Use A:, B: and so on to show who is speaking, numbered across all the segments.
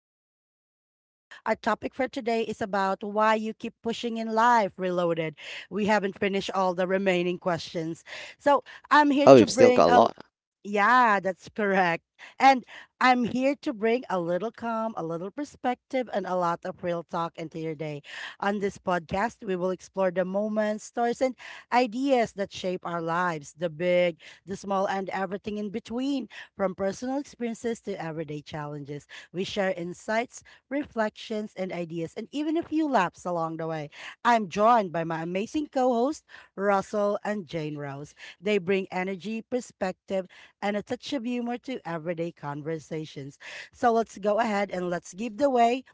A: Reflections with Lisa. Our topic for today is about why you keep pushing in life, reloaded. We haven't finished all the remaining questions. So, I'm here
B: Oh,
A: to
B: we've still
A: bring
B: got a
A: a,
B: lot.
A: yeah, that's correct. And I'm here to bring a little calm, a little perspective, and a lot of real talk into your day. On this podcast, we will explore the moments, stories, and ideas that shape our lives, the big, the small, and everything in between, from personal experiences to everyday challenges. We share insights, reflections, and ideas, and even a few laughs along the way. I'm joined by my amazing co host, Russell and Jane Rose. They bring energy, perspective, and a touch of humor to everyday conversations. So let's go ahead and let's give the way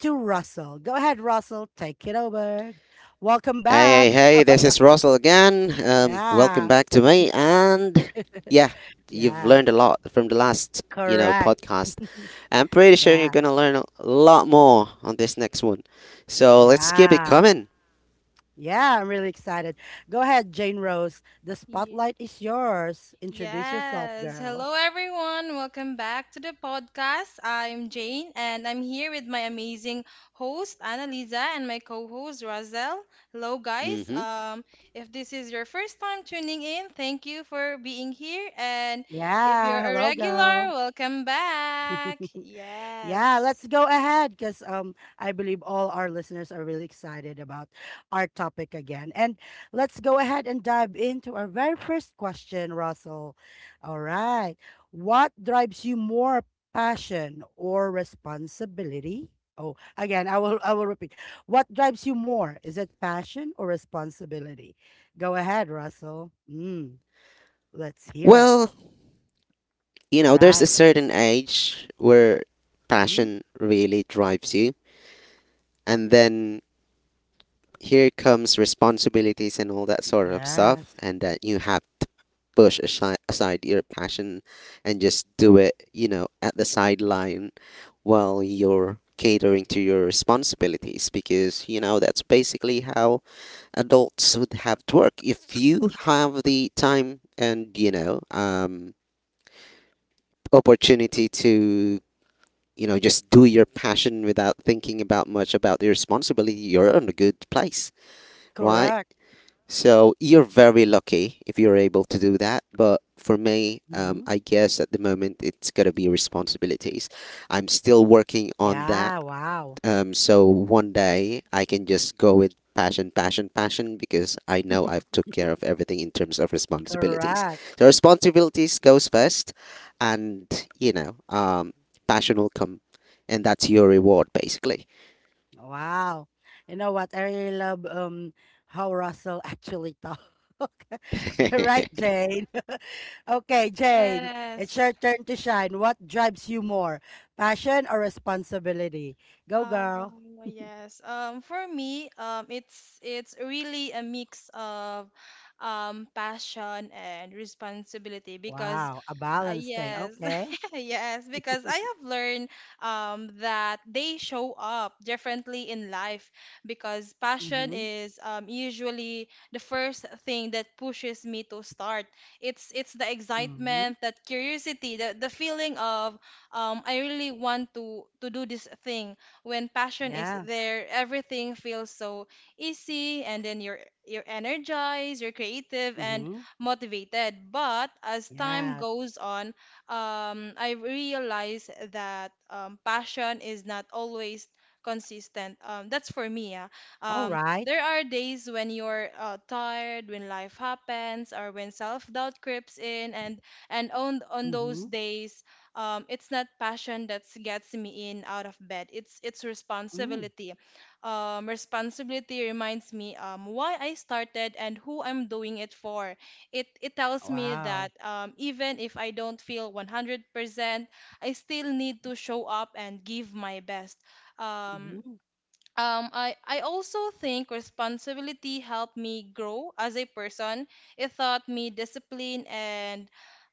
A: to Russell. Go ahead, Russell, take it over. Welcome back.
B: Hey, hey, hey, this is Russell again. Welcome
A: Yeah,
B: back to me. And yeah, you've
A: yeah,
B: learned a lot from the last,
A: correct.
B: podcast. I'm pretty sure you're
A: Yeah,
B: going to learn a lot more on this next one. So let's keep it
A: yeah,
B: coming.
A: yeah, I'm really excited. Go ahead, Jane Rose. The
C: Ye-
A: spotlight is yours. Introduce yourself,
C: Yes.
A: girl.
C: Hello, everyone. Welcome back to the podcast. I'm Jane, and I'm here with my amazing host, Annalisa, and my co host, Razel. Hello, guys.
B: hmm
C: If this is your first time tuning in, thank you for being here. And if
A: Yeah,
C: you're a
A: hello, girl.
C: regular, welcome back.
A: Yeah,
C: Yes.
A: let's go ahead because I believe all our listeners are really excited about our topic again. And let's go ahead and dive into our very first question, Russell. All right. What drives you more, passion or responsibility? Oh, again, I will repeat. What drives you more? Is it passion or responsibility? Go ahead, Russell. Mm, let's hear it.
B: Well, you
A: All
B: know, there's a
A: right.
B: certain age where
A: Mm,
B: passion really drives you. And then here comes responsibilities and all that sort of
A: yes.
B: stuff. And that you have push aside, aside your passion and just do it, you know, at the sideline while you're catering to your responsibilities because, you know, that's basically how adults would have to work. If you have the time and, opportunity to, just do your passion without thinking about much about the responsibility, you're in a good place, right?
A: Correct.
B: So you're very lucky if you're able to do that. But for me,
A: Mm-hmm.
B: I guess at the moment it's gonna be responsibilities. I'm still working on that.
A: Yeah, wow.
B: So one day I can just go with passion, passion, passion because I know I've took care of everything in terms of responsibilities.
A: Correct.
B: So responsibilities goes first, and you know, um, passion will come, and that's your reward basically.
A: Wow. You know what? I really love how Russell actually talk. Right, Jane? Okay, Jane, it's your turn to shine. What drives you more, passion or responsibility? Go,
C: Um,
A: girl.
C: yes. For me, it's really a mix of passion and responsibility because
A: Wow, a balanced thing.
C: yes,
A: Okay.
C: yes, because I have learned that they show up differently in life because passion
A: Mm-hmm.
C: is usually the first thing that pushes me to start. It's the
A: Mm-hmm.
C: excitement, that curiosity, the feeling of I really want to do this thing. When passion is
A: Yeah.
C: there, everything feels so easy, and then you're energized, you're creative, and
A: Mm-hmm.
C: motivated. But as time
A: Yes.
C: goes on, I realize that passion is not always consistent. That's for me. Yeah.
A: All right.
C: There are days when you're tired, when life happens, or when self doubt creeps in, and on those
A: Mm-hmm.
C: days, it's not passion that gets me in out of bed. It's
A: Mm.
C: responsibility. Responsibility reminds me why I started and who I'm doing it for, it tells me
A: Wow.
C: that even if I don't feel 100%, I still need to show up and give my best. Um,
A: Mm-hmm.
C: I also think responsibility helped me grow as a person. It taught me discipline and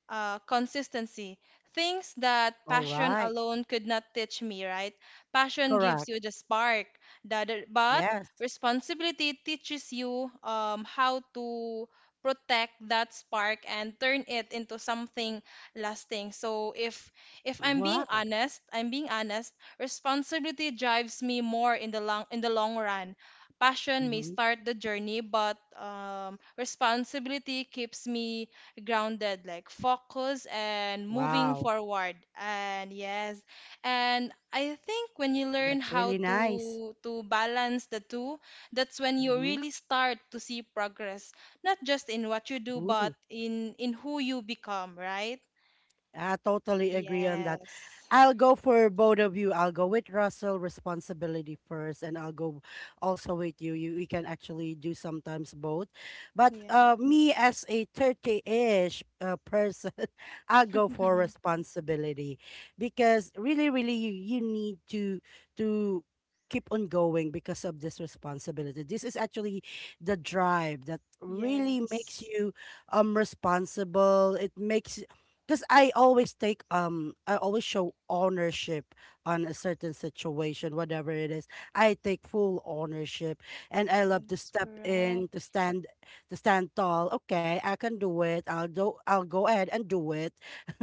C: consistency. Things that
A: All
C: passion
A: right.
C: alone could not teach me, right? Passion
A: Correct.
C: gives you the spark, but
A: Yes.
C: responsibility teaches you how to protect that spark and turn it into something lasting. So if I'm being
A: Wow.
C: honest, responsibility drives me more in the long run. Passion may
A: Mhm.
C: start the journey, but responsibility keeps me grounded, like focus and moving
A: Wow.
C: forward. And yes, and I think when you learn
A: That's
C: how
A: really nice.
C: to to balance the two, that's when you
A: Mhm.
C: really start to see progress, not just in what you do, but in who you become, right?
A: I totally agree on that.
C: Yes.
A: I'll go for both of you. I'll go with Russell responsibility first, and I'll go also with you. We can actually do sometimes both, but
C: Yes.
A: me as a 30-ish person, I'll go for responsibility because really, really, you need to keep on going because of this responsibility. This is actually the drive that really makes
C: Yes.
A: you responsible. It makes because I always take I always show ownership on a certain situation, whatever it is. I take full ownership, and I
C: Yes.
A: love to step in,
C: Correct.
A: to stand tall. Okay, I can do it. I'll go ahead and do it.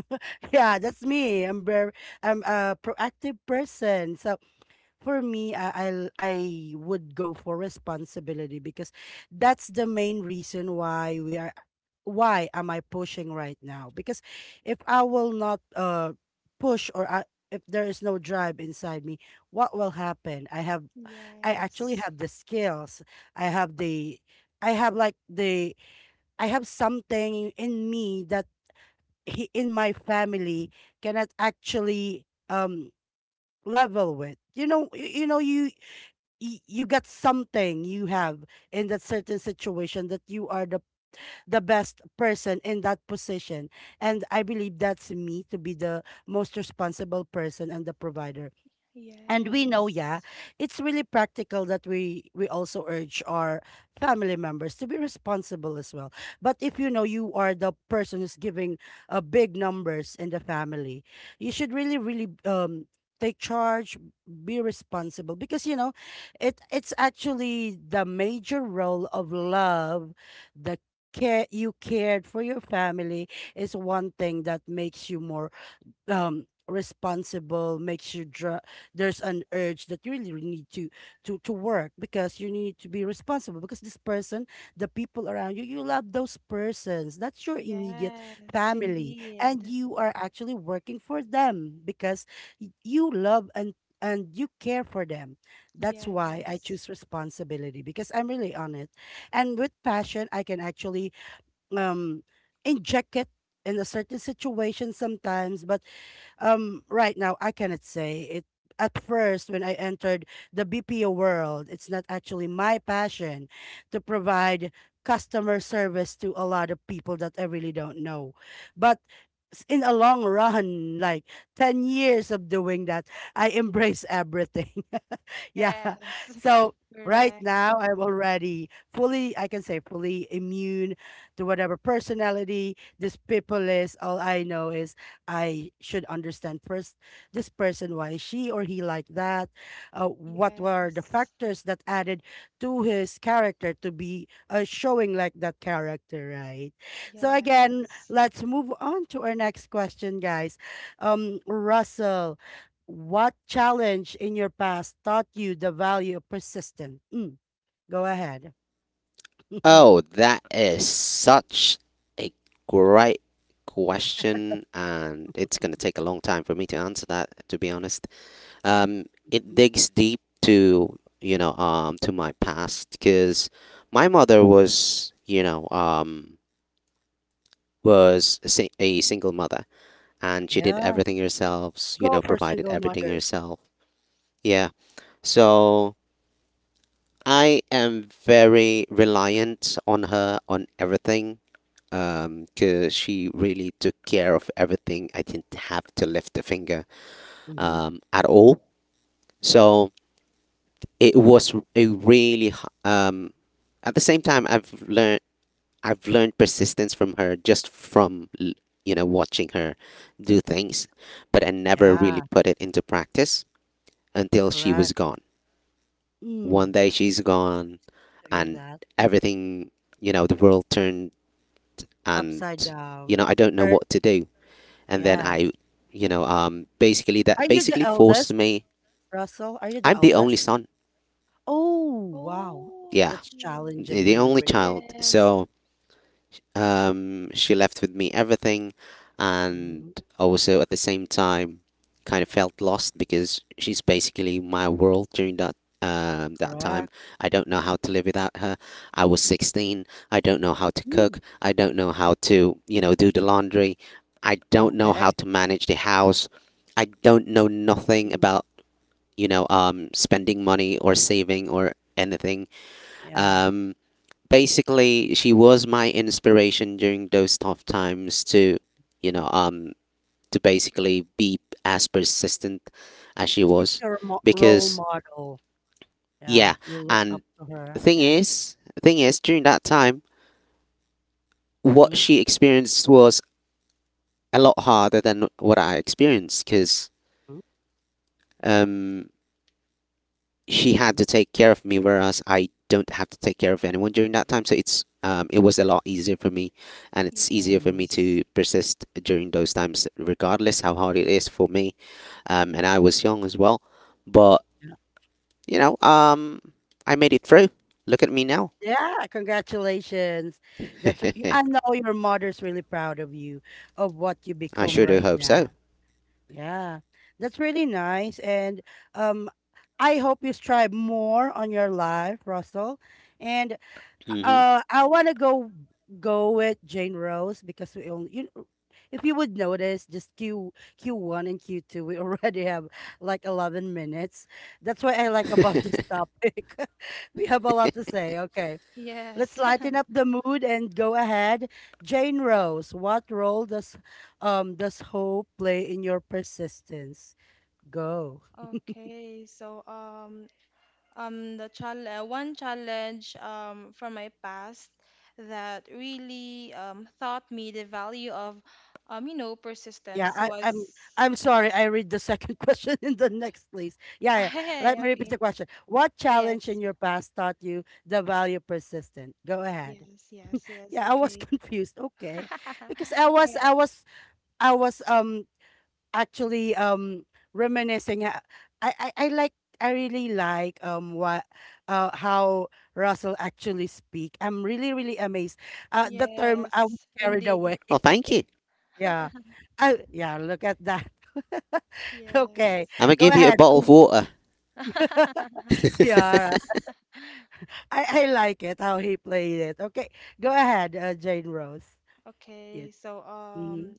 A: Yeah, that's me. I'm very I'm a proactive person. So for me, I'll I would go for responsibility because that's the main reason why we are why am I pushing right now? Because if I will not push if there is no drive inside me, what will happen? I have I
C: Yes.
A: actually have the skills. I have the I have like the I have something in me that he, in my family cannot actually level with. You know, you know, you you got something you have in that certain situation that you are the best person in that position, and I believe that's me to be the most responsible person and the provider, and we
C: Yes.
A: know, yeah, it's really practical that we also urge our family members to be responsible as well. But if you know you are the person who's giving big numbers in the family, you should really, really take charge, be responsible because you know, it's actually the major role of love, the care you cared for your family is one thing that makes you more responsible makes you there's an urge that you really really need to to work because you need to be responsible because this person the people around you you love those persons. That's your immediate
C: Yes.
A: family,
C: Indeed.
A: and you are actually working for them because you love and you care for them. That's
C: Yes.
A: why I choose responsibility because I'm really on it, and with passion I can actually um inject it in a certain situation sometimes. But right now I cannot say it at first when I entered the BPO world. It's not actually my passion to provide customer service to a lot of people that I really don't know. But in a long run like 10 years of doing that, I embrace everything. Yeah.
C: Yes.
A: So right
C: Correct.
A: now, I'm already fully, I can say, fully immune to whatever personality this people is. All I know is I should understand first this person, why is she or he like that? What were the
C: Yes.
A: factors that added to his character to be showing like that character, right? So
C: Yeah.
A: again, let's move on to our next question, guys. Russell. What challenge in your past taught you the value of persistence? Mm, go ahead.
B: Oh, that is such a great question, and it's going to take a long time for me to answer that, to be honest. It digs deep to, to my past because my mother was, a single mother, and she did
A: Yeah.
B: everything herself, you
A: Go
B: know,
A: for
B: provided
A: single
B: everything
A: mothers.
B: herself. Yeah. So I am very reliant on her on everything. Cause she really took care of everything. I didn't have to lift a finger
A: Hmm.
B: at all. So it was a really h- at the same time I've learned persistence from her just from you know watching her do things, but I never really
A: Yeah.
B: put it into practice until she was
A: Correct.
B: gone. One
A: Mm,
B: day she's gone,
A: I hear
B: and
A: that.
B: everything, you know, the world turned, and
A: Upside
B: you know
A: down.
B: I don't know
A: Third,
B: what to do. and then
A: yes.
B: I, basically
A: Are
B: that
A: you the
B: basically forced
A: eldest,
B: me.
A: Russell? Are you the
B: I'm the only
A: eldest?
B: son.
A: Oh, wow.
B: Yeah,
C: Oh.
A: That's challenging.
B: the
A: Really,
B: only
A: really.
B: child.
C: Yes.
B: So she left with me everything, and
A: Mm,
B: also at the same time, kind of felt lost because she's basically my world during that that time.
A: correct.
B: I don't know how to live without her. I was 16. I don't know how to cook.
A: Mm,
B: I don't know how to, you know, do the laundry. I don't know how
A: okay.
B: to manage the house. I don't know nothing
A: Mm,
B: about spending money or saving or anything.
A: yeah.
B: Um, Basically, she was my inspiration during those tough times to, you
A: Mm.
B: know, um, to basically be as persistent as she
A: She's
B: was,
A: your mo role
B: because
A: model.
B: yeah,
A: Yeah, you look up
B: and
A: to her.
B: thing
A: Okay.
B: is, thing is, during that time, what
A: Mhm,
B: she experienced was a lot harder than what I experienced, because.
A: mm,
B: Um, she had
A: mhm,
B: to take care of me, whereas I don't have to take care of anyone during that time. So it was a lot easier for me, and it's
C: Yeah.
B: easier for
A: mm,
B: me to persist during those times, regardless how hard it is for me. And I was young as well, but
A: yeah.
B: you know, um, I made it through. Look at me now.
A: Yeah, congratulations. That's re- I know your mother's really proud of you, of what you
B: I
A: become
B: sure do
A: right
B: hope
A: now.
B: so.
A: Yeah, that's really nice, and, um, I hope you strive more on your life, Russell, and
B: hmm
A: uh, I want to go with Jane Rose because we only you know, if you would notice just Q Q1 and Q2 we already have like 11 minutes. That's what I like about this topic. We have a lot to say. Okay. Let's
C: Yes.
A: lighten up the mood and go ahead. Jane Rose, what role does hope play in your persistence? Go.
C: Okay, so the challenge, one challenge from my past that really taught me the value of
A: Yeah,
C: persistence was
A: I'm sorry. I read the second question in the next place. Yeah, yeah. Let
C: hey,
A: me repeat
C: okay,
A: the question. What
C: yes,
A: challenge in your past taught you the value persistent? Go ahead.
C: yes, yes, yes,
A: Yeah, I was
C: okay.
A: confused. Okay, because I was
C: Alright,
A: I was I was actually reminiscing. Uh, I like I really like what how Russell actually speak. I'm really really amazed. The term
C: yes,
A: I was carried
C: indeed.
A: away.
B: Well, thank you.
A: Yeah. Oh, yeah, look at that. Okay,
C: Yes.
B: I'm gonna
A: go
B: give you a
A: ahead,
B: bottle of
A: please.
B: water.
A: Yeah, I like it how he played it. Okay, go ahead, Jane Rose. Yeah.
C: Okay, so
A: Mm-hmm.
C: um,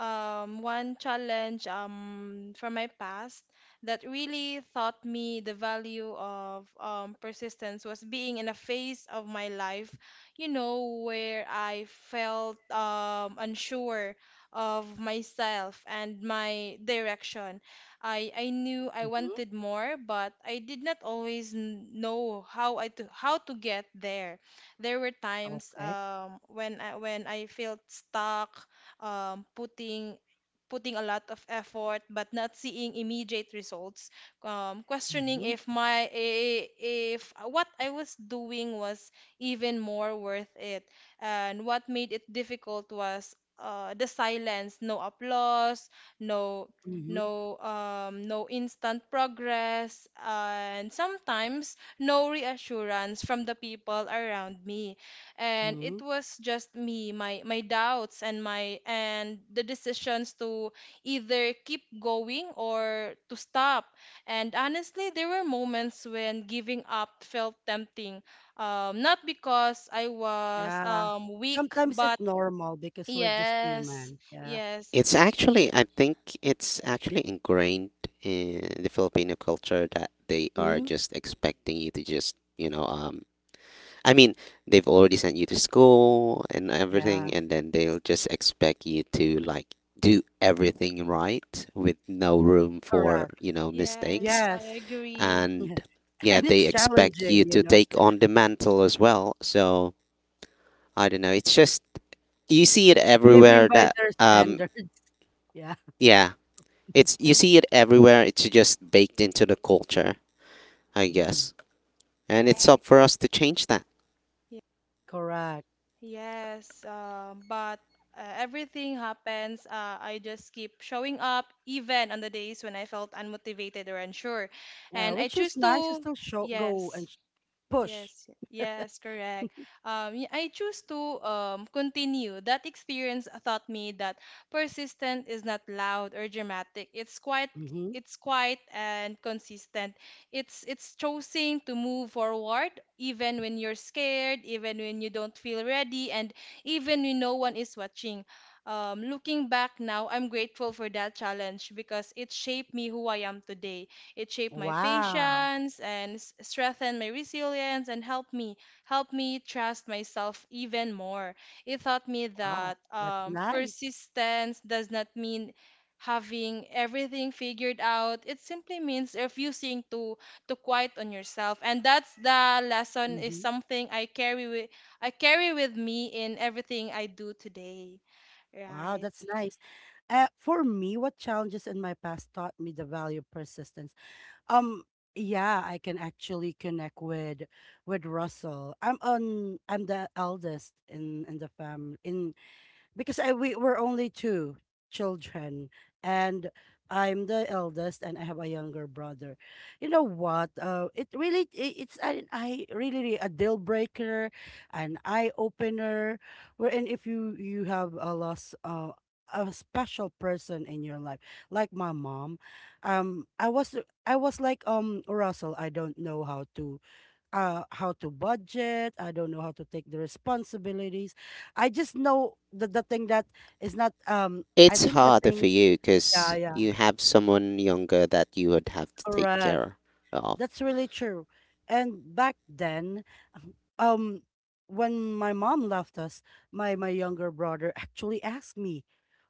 C: um, one challenge from my past that really taught me the value of persistence was being in a phase of my life, where I felt unsure of myself and my direction. I knew I
A: Mm-hmm.
C: wanted more, but I did not always know how to get there. There were times
A: Okay.
C: um, when I felt stuck um, putting a lot of effort but not seeing immediate results, um, questioning
A: Mm-hmm.
C: if my i- if what I was doing was even more worth it, and what made it difficult was the silence, no applause, no
A: Mm-hmm.
C: no instant progress, and sometimes no reassurance from the people around me, and
A: Mm-hmm.
C: it was just me, my doubts, and my and the decisions to either keep going or to stop, and honestly there were moments when giving up felt tempting, not because I was
A: Yeah.
C: weak
A: Sometimes
C: but
A: it's normal because we're just
C: yes,
A: human. Yeah.
C: yes,
B: It's actually, I think it's actually ingrained in the Filipino culture that they are
A: Mm-hmm.
B: just expecting you to just, I mean, they've already sent you to school and everything,
A: Yeah.
B: and then they'll just expect you to like do everything right with no room for,
A: Correct.
B: you know,
C: yes,
B: mistakes.
C: I
A: Yes.
C: agree,
B: And yeah,
A: And
B: they
A: it's
B: expect you
A: challenging, you
B: to
A: know,
B: take on the mantle as well. So I don't know, you see it everywhere
A: living by
B: that,
A: their standards. Yeah.
B: yeah, it's you see
C: yes,
B: it everywhere. It's just baked into the culture, I
A: Mm.
B: guess. And it's
C: correct.
B: up for us to change that.
A: Correct.
C: Yes, but everything happens. I just keep showing up, even on the days when I felt unmotivated or unsure.
A: Yeah,
C: And I
A: which is
C: choose
A: nice to
C: to,
A: still show go
C: yes.
A: and push.
C: Yes, yes, correct. I choose to continue. That experience taught me that persistent is not loud or dramatic.
A: Mm-hmm.
C: It's quiet and consistent. It's choosing to move forward even when you're scared, even when you don't feel ready, and even when no one is watching. Looking back now, I'm grateful for that challenge because it shaped me who I am today. It shaped my
A: Wow.
C: patience and strengthened my resilience and helped me trust myself even more. It taught me
A: Wow.
C: that
A: That's nice.
C: persistence does not mean having everything figured out. It simply means refusing to quiet on yourself. And that's the lesson is
A: Mm-hmm.
C: something I carry with me in everything I do today.
A: Wow,
C: Right.
A: that's nice. For me, what challenges in my past taught me the value of persistence? Um, yeah, I can actually connect with Russell. I'm the eldest in the family in because I we were only two children, and I'm the eldest and I have a younger brother. You know what? It really it's an I really really a deal breaker, an eye opener. Wherein if you you have a loss a special person in your life, like my mom, um, I was I was like Russell. I don't know how to budget. I don't know how to take the responsibilities. I just know the thing that is not I
B: It's
A: think the
B: harder for
A: thing.
B: you
A: Yeah,
B: because
A: yeah,
B: you have someone younger that you would have to take
A: correct.
B: care of.
A: That's really true. And back then, um, when my mom left us, my younger brother actually asked me,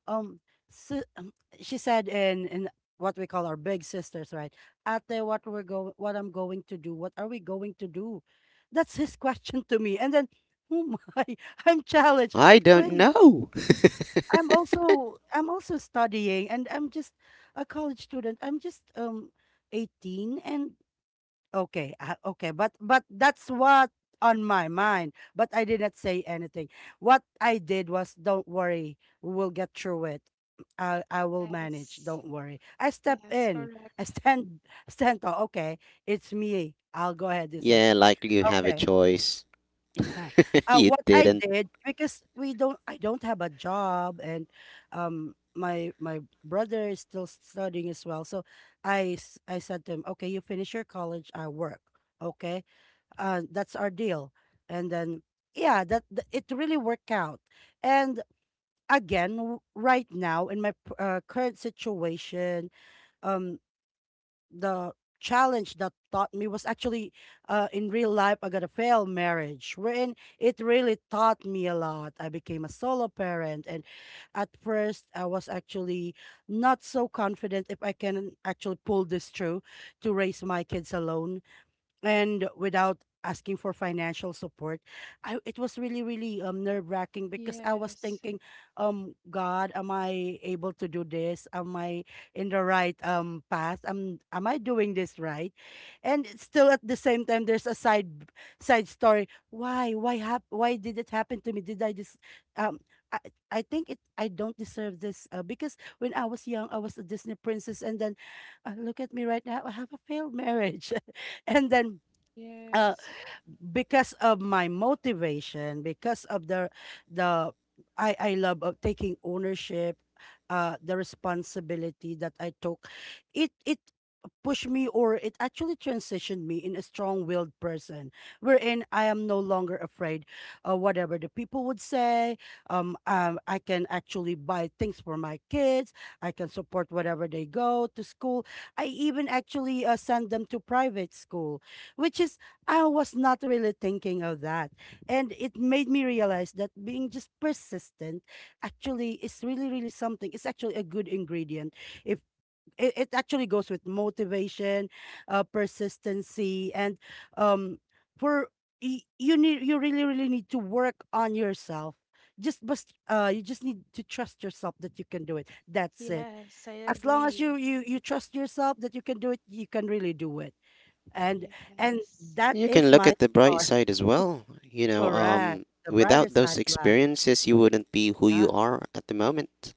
A: um, so, she said in what we call our big sisters, right? Ate, what I'm going to do, what are we going to do? That's his question to me. And then, oh my, I'm challenged.
B: I don't
A: Wait,
B: know.
A: I'm also studying, and I'm just a college student. I'm just 18, and okay, ah, okay, but that's what on my mind. But I did not say anything. What I did was, don't worry, we will get through it. I will
C: Yes.
A: manage. Don't worry. I step
C: Yes,
A: in. I
C: correct.
A: stand stand tall. Okay, it's me. I'll go ahead this one.
B: Yeah, like you have a
A: Okay,
B: choice.
A: yeah.
B: You
A: What I
B: didn't.
A: did because we don't. I don't have a job, and my brother is still studying as well. So I said to him, okay, you finish your college. I work. Okay, that's our deal. And then, yeah, it really worked out. And again, right now in my current situation, um, the challenge that taught me was actually in real life. I got a failed marriage, wherein it really taught me a lot. I became a solo parent, and at first, I was actually not so confident if I can actually pull this through to raise my kids alone and without asking for financial support. I it was really really nerve wracking because I was
C: Yes.
A: thinking, god, am I able to do this? Am I in the right path? Am I doing this right? And it's still at the same time there's a side story. Why did it happen to me? Did I just um I, I think it I don't deserve this? Because when I was young I was a Disney princess, and then look at me right now, I have a failed marriage. And then uh
C: Yes.
A: because of my motivation, because of the I love of taking ownership, the responsibility that I took, it pushed me, or it actually transitioned me in a strong-willed person, wherein I am no longer afraid of whatever the people would say. I can actually buy things for my kids. I can support whatever they go to school. I even actually send them to private school, which is, I was not really thinking of that. And it made me realize that being just persistent actually is really, really something. It's actually a good ingredient. If it actually goes with motivation, persistency, and um, for you need, you really, really need to work on yourself. Just but you just need to trust yourself that you can do it. That's it.
C: Yes, I
A: As long as you
C: agree.
A: you you trust yourself that you can do it, you can really do it. and and
C: Yes.
A: that
B: You
A: is
B: can look
A: my
B: at the bright
A: star.
B: side as well.
A: Correct, the brighter
B: Without
A: side
B: those
A: of life.
B: experiences, you wouldn't be who you
A: Yeah,
B: are at the moment.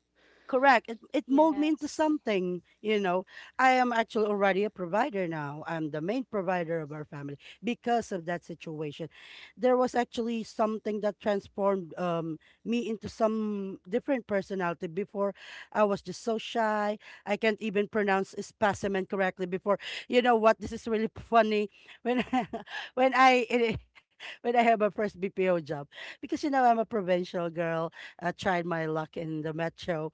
A: correct, it molded me into
C: Yes.
A: something, you know. I am actually already a provider now. I'm the main provider of our family because of that situation. There was actually something that transformed, me into some different personality. Before, I was just so shy. I can't even pronounce specimen correctly before. You know what, this is really funny. when I, when I when I have my first bpo job, because you know I'm a provincial girl, I tried my luck in the metro.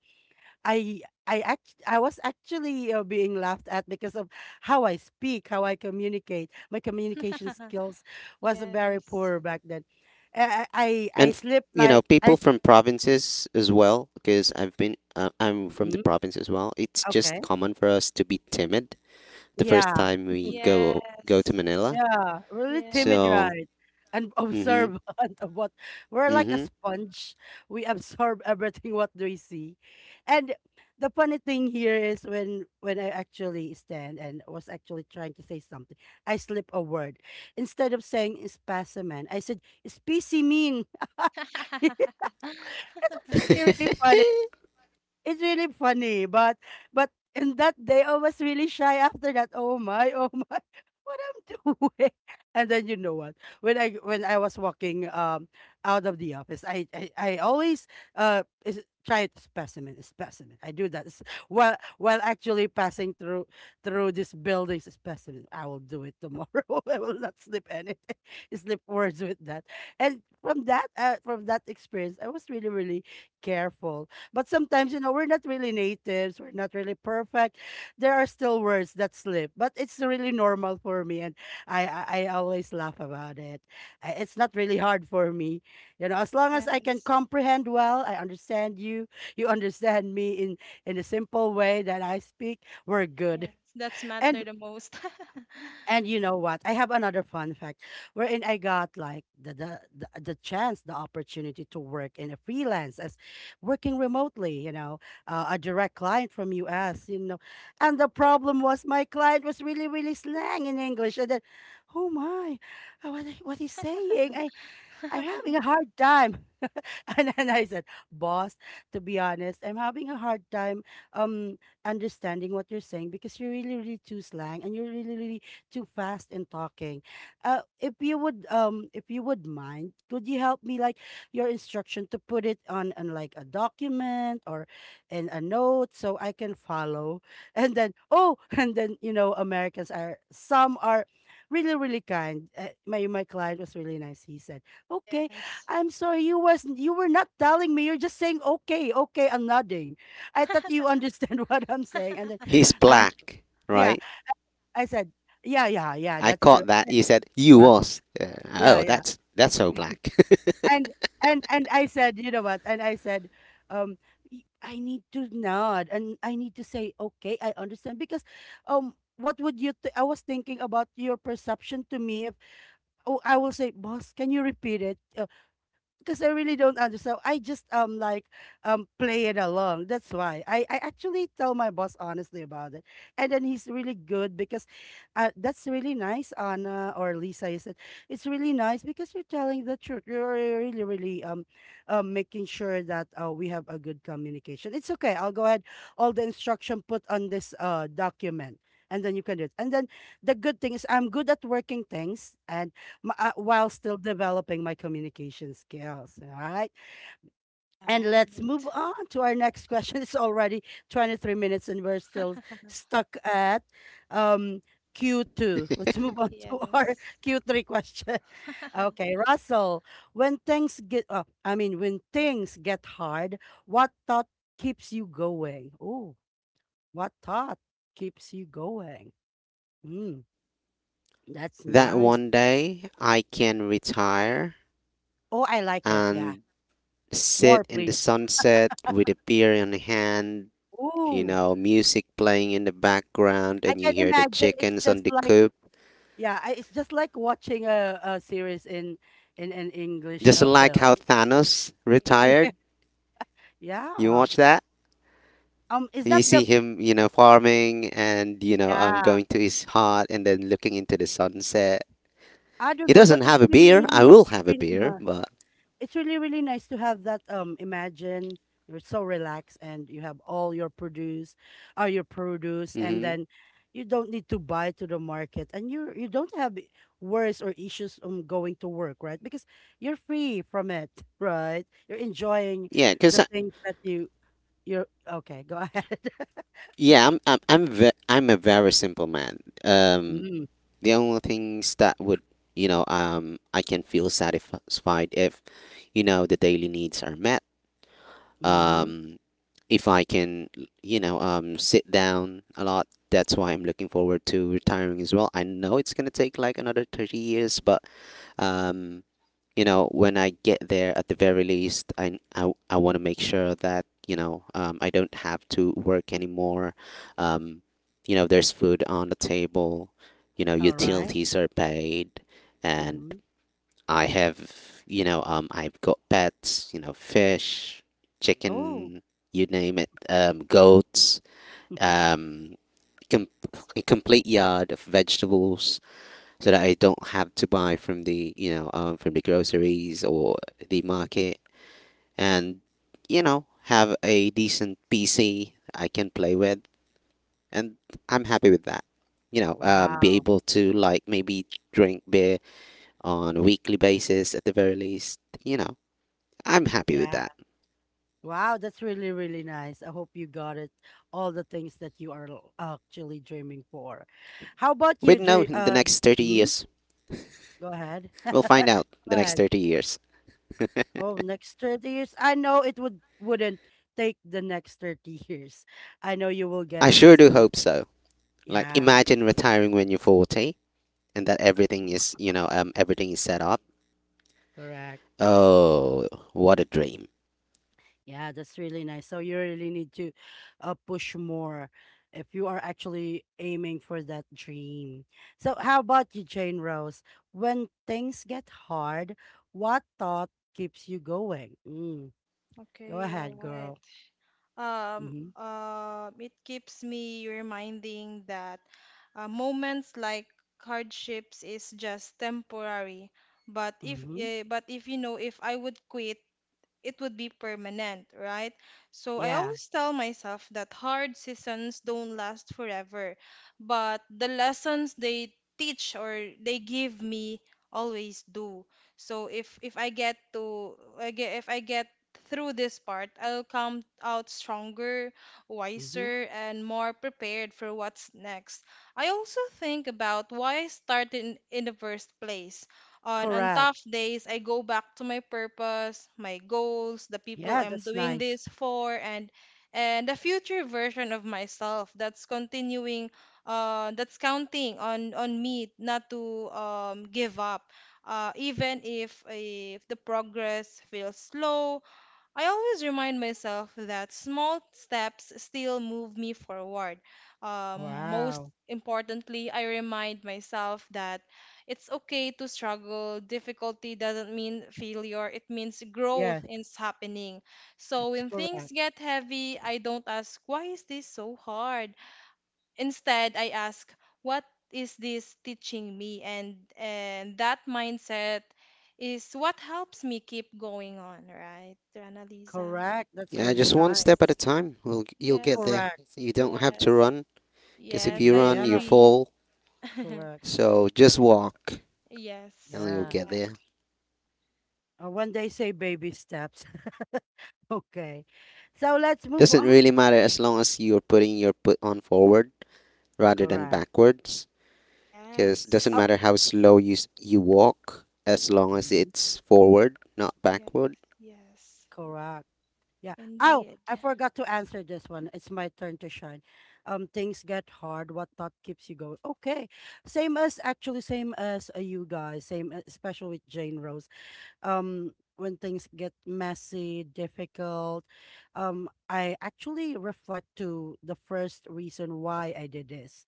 A: I I act I was actually being laughed at because of how I speak, how I communicate. My communication skills was
C: Yeah.
A: very
C: Yes.
A: poor back then. I
B: and f-
A: sleep
B: you know
A: like
B: people from provinces as well because I'm from the
A: Mhm,
B: province as well. It's just
A: okay.
B: common for us to be timid the first
A: Yeah.
B: time we go to
C: Yes.
B: Manila
A: Yeah, really timid,
C: Yeah.
B: so.
A: right? And
B: mm-hmm
A: observant of what, we're like a
B: mm-hmm
A: sponge. We absorb everything what we see. And the funny thing here is when I actually stand and was actually trying to say something, I slip a word. Instead of saying specimen, I said specimen. It was really, really funny. It's really funny, but in that day I was really shy after that. Oh my, oh my, what I'm doing. And then you know what? When I was walking out of the office, I always try to specimen, specimen. I do that while actually passing through this building's specimen. I will do it tomorrow. I will not slip anything, slip words with that. And from that experience, I was really really careful, but sometimes, you know, we're not really natives, we're not really perfect. There are still words that slip, but it's really normal for me, and I always laugh about it. It's not really hard for me, you know, as long as I can
C: Yes.
A: comprehend well, I understand you, you understand me in a simple way that I speak. We're good.
C: Yes. That's
A: And
C: matter the most.
A: and you know what? I have another fun fact wherein I got like the chance, the opportunity to work in a freelance as working remotely, you know, a direct client from US, you know. And the problem was my client was really really slang in English, and then oh my, what he's saying. I I'm having a hard time. And then I said, boss, to be honest, I'm having a hard time um understanding what you're saying because you're really, really too slang, and you're really, really too fast in talking. If you would, mind, could you help me like your instruction to put it on like a document or in a note so I can follow? And then oh, and then you know, Americans, are some are really really kind. My my client was really nice. He said okay.
C: Yes.
A: I'm sorry. You was, you were not telling me. You're just saying okay, okay, and nodding. I thought you understand what I'm saying. And then
B: he's
A: um
B: black,
A: yeah,
B: right?
A: I said, yeah, yeah, yeah,
B: I
A: that's true.
B: caught that you said you
A: Yeah,
B: was.
A: yeah,
B: Oh,
A: yeah.
B: that's so black.
A: And and I said, you know what? And I said, um, I need to nod and I need to say okay, I understand, because what would you I was thinking about your perception to me. If oh I will say, boss, can you repeat it? Because I really don't understand. I just play it along." That's why I actually tell my boss honestly about it, and then he's really good because, that's really nice, Anna or Lisa. You said, it's really nice because you're telling the truth. You're really really making sure that we have a good communication. It's okay. I'll go ahead. All the instruction put on this document. And then you can do it. And then the good thing is I'm good at working things, and while still developing my communication skills. All right. And
C: Right.
A: let's move on to our next question. It's already 23 minutes and we're still stuck at um, Q2. Let's move on to our
C: Yes.
A: Q3 question. Okay, Russell, when things get, when things get hard, what thought keeps you going? Oh, what thought keeps you going? Mm, that's
B: That
A: nice.
B: one day I can retire
A: Oh, I like it. Yeah.
B: and sit
A: More,
B: in the
A: please.
B: sunset with a beer in hand, you
A: Ooh,
B: know, music playing in the background
A: I
B: and you
A: can
B: hear the
A: imagine it's
B: chickens on
A: just
B: the
A: like,
B: coop.
A: yeah, it's just like watching a series in an English
B: Just like
A: film.
B: how Thanos
A: Yeah.
B: retired. You
A: Yeah.
B: watch that?
A: Is
B: You
A: that
B: see
A: the
B: him, you know, farming and,
A: yeah?
B: going to his hut and then looking into the sunset.
A: I don't
B: He
A: know, but
B: doesn't
A: it's
B: have a
A: really,
B: beer. I
A: really,
B: will have a
A: really
B: beer,
A: nice.
B: but
A: It's really really nice to have that, imagine you're so relaxed and you have all your produce, and
B: hmm
A: then you don't need to buy to the market, and you don't have worries or issues going to work right, because you're free from it. Right, you're enjoying
B: yeah, because
A: the things that you, you're okay, go ahead.
B: yeah, I'm a very simple man. Um,
A: Mm,
B: the only things that would I can feel satisfied if you know the daily needs are met,
A: mm-hmm.
B: um, if I can, sit down a lot. That's why I'm looking forward to retiring as well. I know it's gonna take like another 30 years, but um, you know, when I get there, at the very least, I want to make sure that I don't have to work anymore. Um, you know, there's food on the table. You know,
A: All right.
B: utilities are paid, and
A: Mm-hmm.
B: I have, I've got pets, you know, fish,
A: Oh.
B: chicken, you name it, goats, um, com- a complete yard of vegetables, so that I don't have to buy from the, from the groceries or the market, and you know, have a decent PC I can play with, and I'm happy with that. Be
A: Wow.
B: able to like maybe drink beer on a weekly basis at the very least. You know, I'm happy with
A: Yeah.
B: that.
A: Wow, that's really, really nice. I hope you got it, all the things that you are actually dreaming for. How about you,
B: We'd know
A: Dre?
B: in the next 30
A: Mhm,
B: years.
A: go ahead.
B: We'll find
A: Go
B: out the next
A: ahead.
B: 30 years.
A: Oh, next 30 years. I know it would wouldn't take the next 30 years. I know you will get
B: I
A: it as
B: sure do
A: soon.
B: hope so. Like,
A: Yeah,
B: imagine retiring when you're 40 and that everything is, everything is set up.
A: correct.
B: Oh, what a dream.
A: Yeah, that's really nice. So you really need to push more if you are actually aiming for that dream. So how about you, Jane Rose? When things get hard, what thought keeps you going? Mm, go
C: Okay, all
A: ahead,
C: right.
A: girl. Mm-hmm.
C: It keeps me reminding that moments like hardships is just temporary. But if
A: Mm-hmm.
C: eh, but if you know if I would quit it would be permanent, right? So I
A: Yeah.
C: always tell myself that hard seasons don't last forever, but the lessons they teach or they give me always do. So if I get to I get, if I get through this part, I'll come out stronger,
A: Mm-hmm.
C: wiser, and more prepared for what's next. I also think about why I started in the first place. On
A: Correct.
C: tough days, I go back to my purpose, my goals, the people
A: Yeah,
C: I'm
A: that's
C: doing
A: nice.
C: this for, and the future version of myself that's continuing, that's counting on me not to give up, even if the progress feels slow. I always remind myself that small steps still move me forward. Um, most
A: Wow.
C: importantly, I remind myself that it's okay to struggle. Difficulty doesn't mean failure, it means
A: Yes,
C: growth is happening. So
A: that's
C: when things
A: correct.
C: get heavy, I don't ask, why is this so hard? Instead, I ask, what is this teaching me? And that mindset is what helps me keep going on, right, Rana Lisa?
A: Correct. That's
B: Yeah,
A: really
B: just one
A: nice.
B: step at a time. You'll
C: Yes,
B: get there.
A: Correct.
B: You don't have
C: yes,
B: to run, because if
C: yes,
B: you
A: Mm-hmm.
C: I
B: run, you
A: Yeah,
B: fall.
C: agree.
A: correct.
B: So just walk
C: Yes,
B: and you'll
C: correct.
A: Yeah.
B: get there.
A: One day say baby steps. Okay. So let's move
B: Doesn't really
A: on.
B: matter as long as you're putting your foot on forward rather than
A: Correct.
B: backwards. Because
C: Yes,
B: doesn't
A: Oh,
B: matter how slow you walk, as long as
A: mhm,
B: it's forward, not
C: yes,
B: backward.
C: yes,
A: correct. Yeah. Oh,
C: indeed.
A: I forgot to answer this one. It's my turn to shine. Things get hard. What thought keeps you going? Okay. Same as actually same as you guys. Same especially with Jane Rose. um when things get messy, difficult. I actually reflect to the first reason why I did this.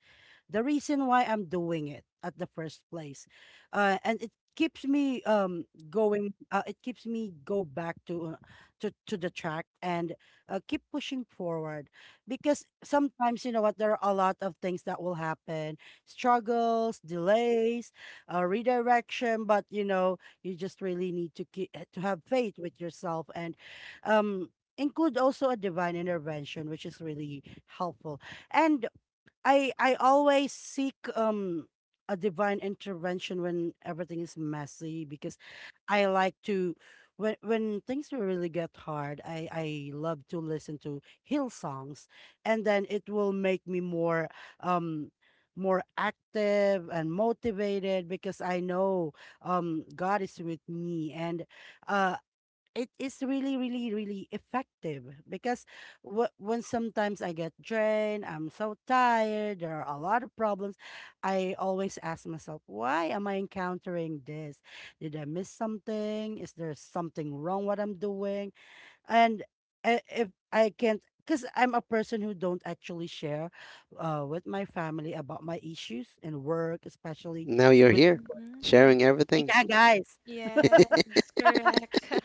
A: The reason why I'm doing it at the first place. And it keeps me going, it keeps me go back to to the track and keep pushing forward, because sometimes you know what, there are a lot of things that will happen: struggles, delays, redirection. But you know, you just really need to have faith with yourself, and um include also a divine intervention, which is really helpful. And I always seek a divine intervention when everything is messy. Because I like to, when things really get hard, I love to listen to Hill Songs, and then it will make me more um more active and motivated because I know God is with me. And uh it is really, really, really effective. Because when sometimes I get drained, I'm so tired, there are a lot of problems. I always ask myself, why am I encountering this? Did I miss something? Is there something wrong what I'm doing? And if I can't, because I'm a person who don't actually share, with my family about my issues and work especially,
B: Now you're
A: with.
B: here,
C: Mhm.
B: sharing everything.
A: Yeah, guys.
C: Yes, correct.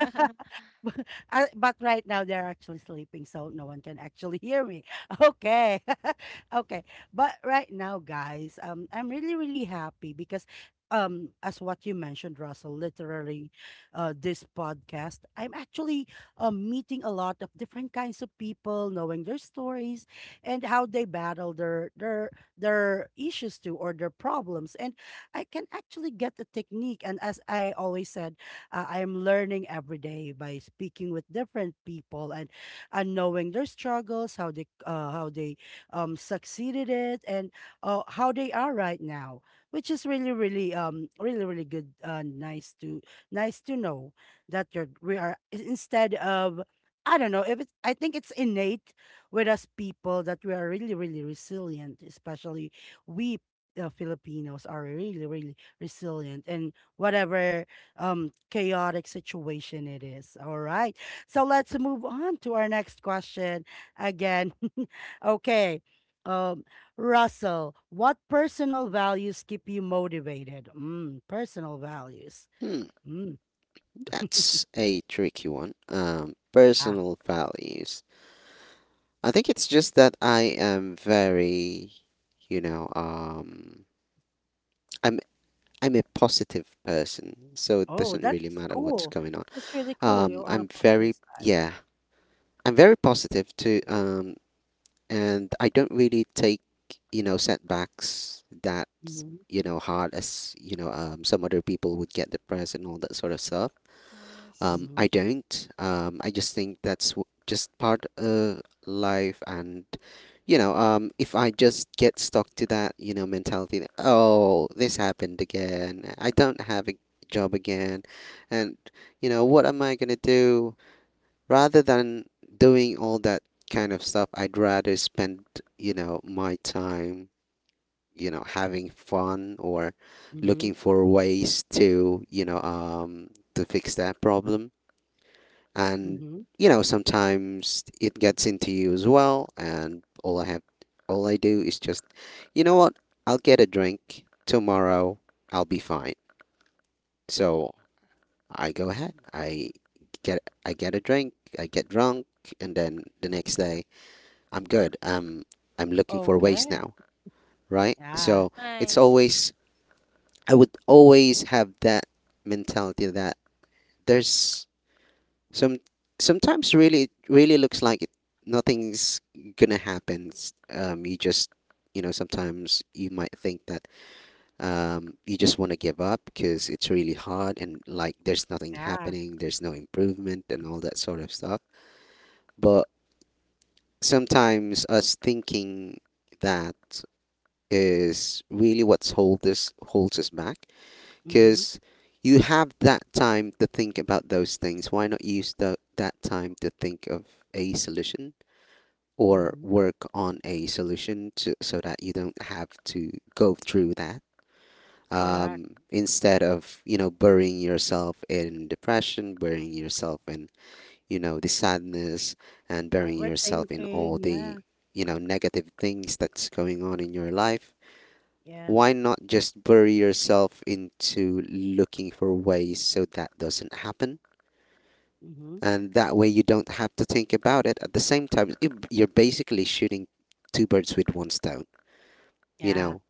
A: But right now they're actually sleeping, so no one can actually hear me. Okay. Okay. But right now, guys, I'm really, really happy because, as what you mentioned, Russell, literally, this podcast, I'm actually, meeting a lot of different kinds of people, knowing their stories and how they battle their issues too, or their problems. And I can actually get the technique, and as I always said, I am learning every day by speaking with different people, and knowing their struggles, how they succeeded it, and how they are right now, which is really, really, really, really good. Nice to nice to know that you're we are I- instead of I don't know if it's, I think it's innate with us people, that we are really, really resilient, especially we, Filipinos are really, really resilient, and whatever chaotic situation it is. All right. So let's move on to our next question again. Okay. Um Russell, what personal values keep you motivated? Mm, personal values.
B: Hmm,
A: Mm.
B: that's a tricky one.
A: Ah.
B: Personal values. I think it's just that I am very, you know, um, I'm I'm a positive person, so it
A: Oh,
B: doesn't really
A: that's
B: matter what's
A: cool.
B: going on.
A: That's really cool.
B: Um,
A: You're on a
B: I'm
A: positive
B: very
A: side.
B: yeah, I'm very positive to and I don't really take you know setbacks that
A: Mhm.
B: you know hard as some other people would get depressed and all that sort of stuff.
C: Yes,
B: I
A: Mhm.
B: don't. I just think that's just part of life, and if I just get stuck to that you know mentality, that, oh, this happened again. I don't have a job again, and you know, what am I gonna do? Rather than doing all that kind of stuff, I'd rather spend, you know, my time, you know, having fun or
A: Mhm.
B: looking for ways to, to fix that problem. And,
A: Mhm.
B: you know, sometimes it gets into you as well. And all I have, all I do is just, you know what? I'll get a drink tomorrow. I'll be fine. So I go ahead. I get a drink. I get drunk, and then the next day I'm good. I'm looking for ways
A: Okay.
B: now, right?
A: Yeah.
B: So it's
C: nice.
B: always, I would always have that mentality that there's some, sometimes really, it really looks like it, nothing's gonna happen. You just, you know, sometimes you might think that you just want to give up because it's really hard and like there's nothing
A: Yeah.
B: happening, there's no improvement and all that sort of stuff. But sometimes us thinking that is really what's hold this holds us back
A: Mhm.
B: because you have that time to think about those things. Why not use that time to think of a solution or
A: Mhm.
B: work on a solution so that you don't have to go through that?
A: Correct.
B: Instead of you know burying yourself in depression, burying yourself in you know the sadness, and burying yourself in all
A: Overthinking.
B: the
A: Yeah.
B: you know negative things that's going on in your life,
A: Yes.
B: why not just bury yourself into looking for ways so that doesn't happen?
A: Mhm.
B: And that way you don't have to think about it. At the same time, are basically shooting two birds with one stone, you
A: Yeah.
B: know?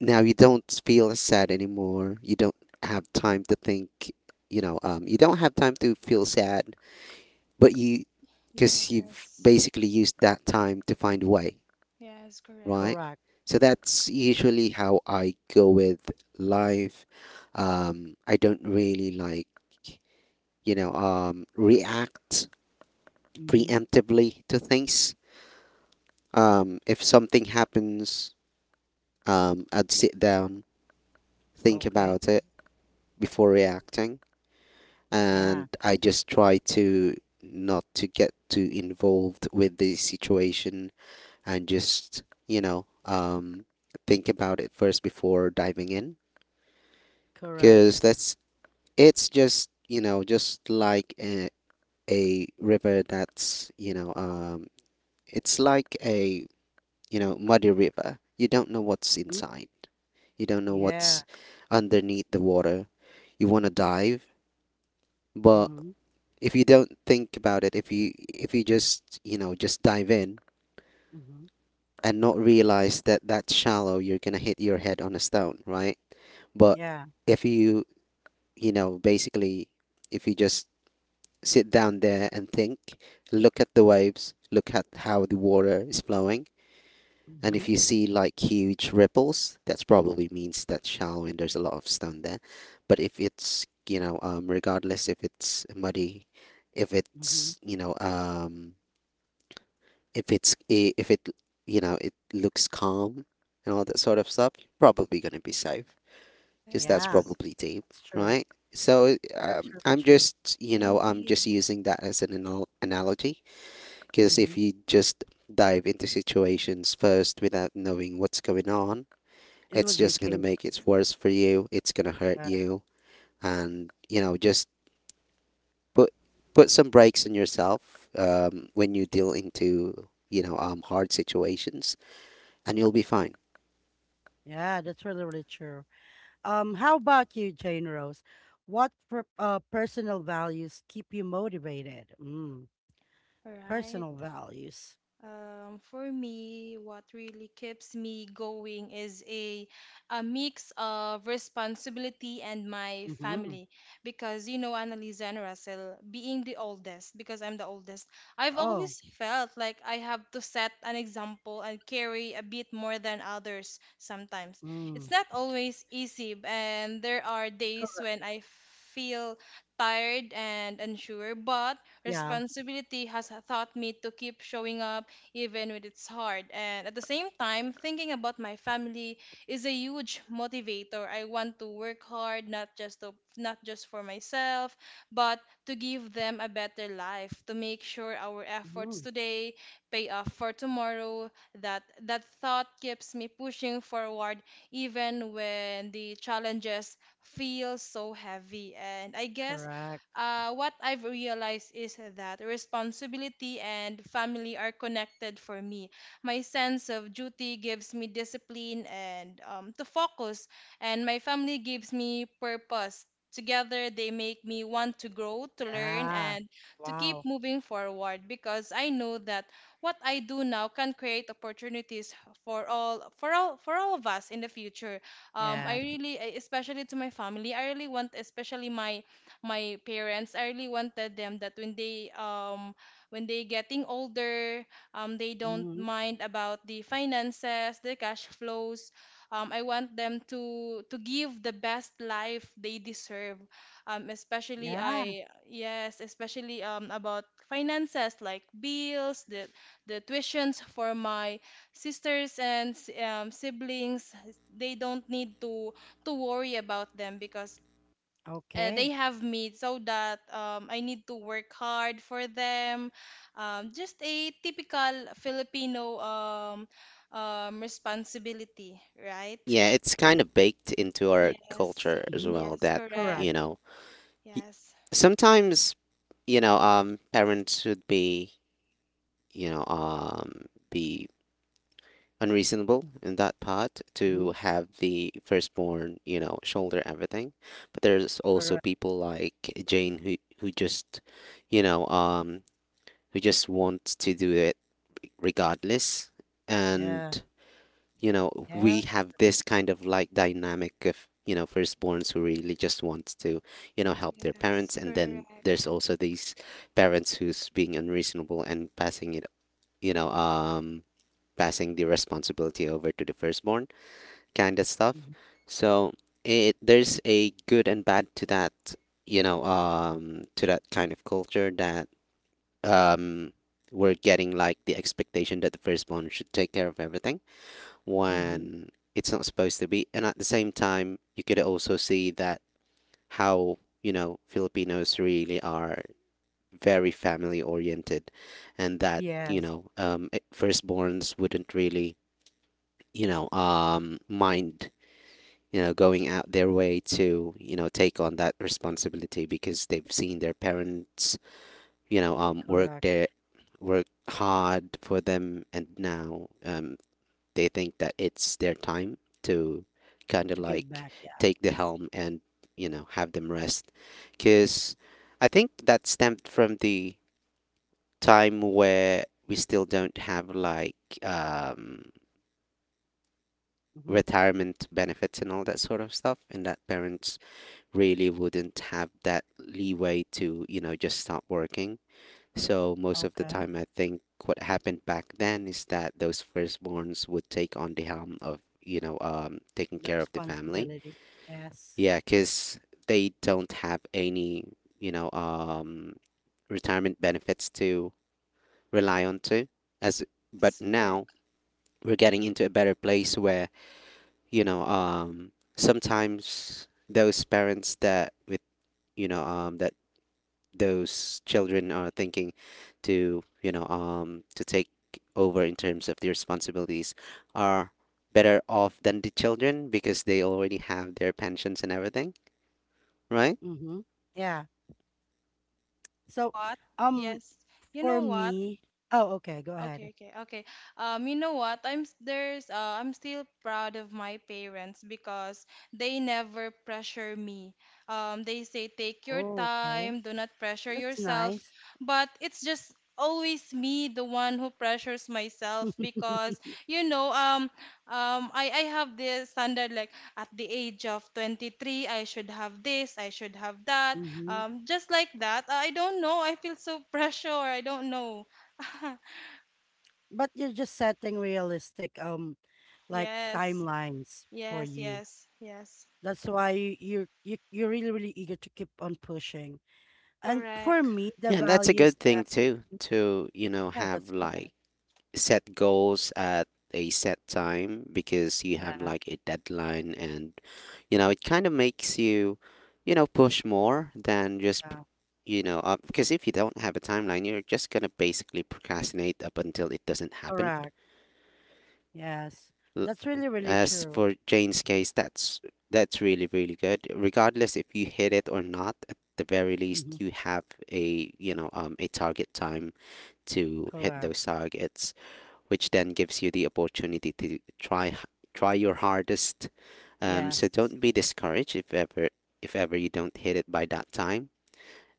B: Now you don't feel sad anymore. You don't have
A: Mhm.
B: time to think, you don't have time to feel sad, but you, because you've
C: Yes,
B: basically used that time to find a way,
C: yes,
B: right?
C: correct.
A: Correct.
B: So that's usually how I go with live. I don't really react
A: Hmm.
B: preemptively to things. If something happens, I'd sit down, think
A: Okay.
B: about it before reacting,
A: Yeah.
B: and I just try to not to get too involved with the situation and just think about it first before diving in
A: Correct.
B: because that's it's just, you know, just like a river that's, it's like a muddy river. You don't know what's
A: Hmm.
B: inside. You don't know
A: Yeah.
B: what's underneath the water. You want to dive, but
A: Hmm.
B: if you don't think about it, if you just, you know, just dive in
A: Hmm.
B: and not realize that that's shallow, you're gonna hit your head on a stone, right? But
A: Yeah.
B: if you, you know, basically, if you just sit down there and think, look at the waves, look at how the water is flowing. And
A: Hmm.
B: if you see like huge ripples, that's probably means that's shallow and there's a lot of stone there. But if it's, regardless if it's muddy, if
A: Hmm.
B: it's, if it's, if it, you know, it looks calm and all that sort of stuff, you're probably going to be safe because that's
A: Yeah.
C: Yes,
B: probably deep,
A: That's true.
B: right? So
A: That's really
B: I'm
A: true.
B: just, you know, I'm just
C: indeed.
B: using that as an analogy because
A: Hmm.
B: if you just dive into situations first without knowing what's going on,
A: It
B: it's
A: would be a
B: just gonna
A: case.
B: make it worse for you. It's gonna hurt
A: Back.
B: you, and you know, just put put some brakes on yourself when you deal into hard situations, and you'll be fine.
A: Yeah, that's really, really true. How about you, Jane Rose? What personal values keep you motivated? Mm.
C: Right.
A: Personal values.
C: For me, what really keeps me going is a mix of responsibility and my
A: Hmm.
C: family. Because you know, Annalisa and Russell, being the oldest, because I'm the oldest, I've
A: Oh.
C: always felt like I have to set an example and carry a bit more than others sometimes. It's
A: Mm.
C: not always easy, and there are days when I feel tired and unsure, but
A: Yeah.
C: responsibility has taught me to keep showing up even when it's hard. And at the same time, thinking about my family is a huge motivator. I want to work hard, not just for myself, but to give them a better life, to make sure our efforts
A: Hmm.
C: today pay off for tomorrow. That thought keeps me pushing forward even when the challenges feel so heavy. And I guess
A: Correct.
C: what I've realized is that responsibility and family are connected for me. My sense of duty gives me discipline and to focus, and my family gives me purpose. Together, they make me want to grow, to learn,
A: Yeah.
C: and to keep
A: Wow.
C: moving forward because I know that what I do now can create opportunities for all of us in the future. I
A: Yes.
C: really, especially to my family, I really want, especially my parents. I really wanted them that when they getting older, they don't
A: Mhm.
C: mind about the finances, the cash flows. I want them to give the best life they deserve. Especially
A: Yeah.
C: I Yes, especially about finances like bills, the tuitions for my sisters and siblings. They don't need to worry about them because they
A: Okay.
C: have me so that I need to work hard for them. Just a typical Filipino responsibility, right?
B: Yeah, it's kind of baked into our
C: Yes,
B: culture as
A: Hmm.
B: well
C: yes,
B: that
A: Correct.
B: you
C: correct.
B: know y-
C: Yes,
B: sometimes parents should be you know um be unreasonable in that part to
A: Hmm.
B: have the firstborn, you know, shoulder everything. But there's also
A: Correct.
B: people like Jane who just, you know, um, who just wants to do it regardless. And
A: Yeah.
B: you know, we
A: Yes.
B: have this kind of like dynamic of you know firstborns who really just wants to you know help their
C: yes,
B: parents, and then there's
C: correct.
B: also these parents who's being unreasonable and passing it, you know, um, passing the responsibility over to the firstborn kind of stuff.
A: Hmm.
B: So it there's a good and bad to that, to that kind of culture that um we're getting like the expectation that the firstborn should take care of everything
A: Hmm.
B: when it's not supposed to be. And at the same time, you could also see that how, you know, Filipinos really are very family oriented and that,
A: Yes.
B: firstborns wouldn't really, mind you know, going out their way to, you know, take on that responsibility because they've seen their parents, you know, um, work
A: Correct.
B: their work hard for them, and now they think that it's their time to kind
A: To
B: of
A: give back.
B: like
A: Yeah.
B: take the helm and you know have them rest, because I think that stemmed from the time where we still don't have like um,
A: Hmm.
B: retirement benefits and all that sort of stuff, and that parents really wouldn't have that leeway to, you know, just stop working. So most of the
A: Okay.
B: time, I think what happened back then is that those firstborns would take on the helm of, taking
A: The
B: care of the family.
A: responsibility. Yes.
B: Yeah, because they don't have any, you know, um, retirement benefits to rely on to. As But
C: Yes, correct.
B: now we're getting into a better place where, sometimes those parents that with, that those children are thinking to you know to take over in terms of the responsibilities are better off than the children because they already have their pensions and everything, right?
A: Hmm. Yeah.
C: You know
A: So,
C: what?
A: um,
C: Yes, you
A: for
C: know what?
A: me. Oh, okay, go ahead.
C: Okay, okay, okay. You know what? I'm s- there's I'm still proud of my parents because they never pressure me. They say take your
A: Oh, okay.
C: time, do not pressure
A: That's
C: yourself.
A: nice.
C: But it's just always me, the one who pressures myself because you know, um, I have this standard like at the age of 23, I should have this, I should have that.
A: Hmm.
C: Just like that. I don't know. I feel so pressure. I don't know.
A: But you're just setting realistic, like,
C: Yes.
A: timelines for
C: Yes,
A: you.
C: yes, yes.
A: That's why you you're, you are really, really eager to keep on pushing.
C: That's
A: And for
C: correct.
A: me, the
B: Yeah, and that's a
A: values
B: good thing
A: that,
B: too to you know
A: yeah,
B: have
A: that's correct.
B: like set goals at a set time because you have
A: Yeah,
B: like a deadline and you know it
A: correct.
B: kind of makes you you know, push more than just
A: Yeah,
B: because if you don't have a timeline, you're just going to basically procrastinate up until it doesn't happen.
A: correct. Yes,
B: L-
A: that's really, really
B: As
A: true.
B: for Jane's case, that's really really good. Regardless if you hit it or not, at the very least
A: Hmm.
B: you have you know, a target time to hit
A: Correct.
B: those targets, which then gives you the opportunity to try your hardest. So
A: Yes.
B: don't be discouraged if ever you don't hit it by that time,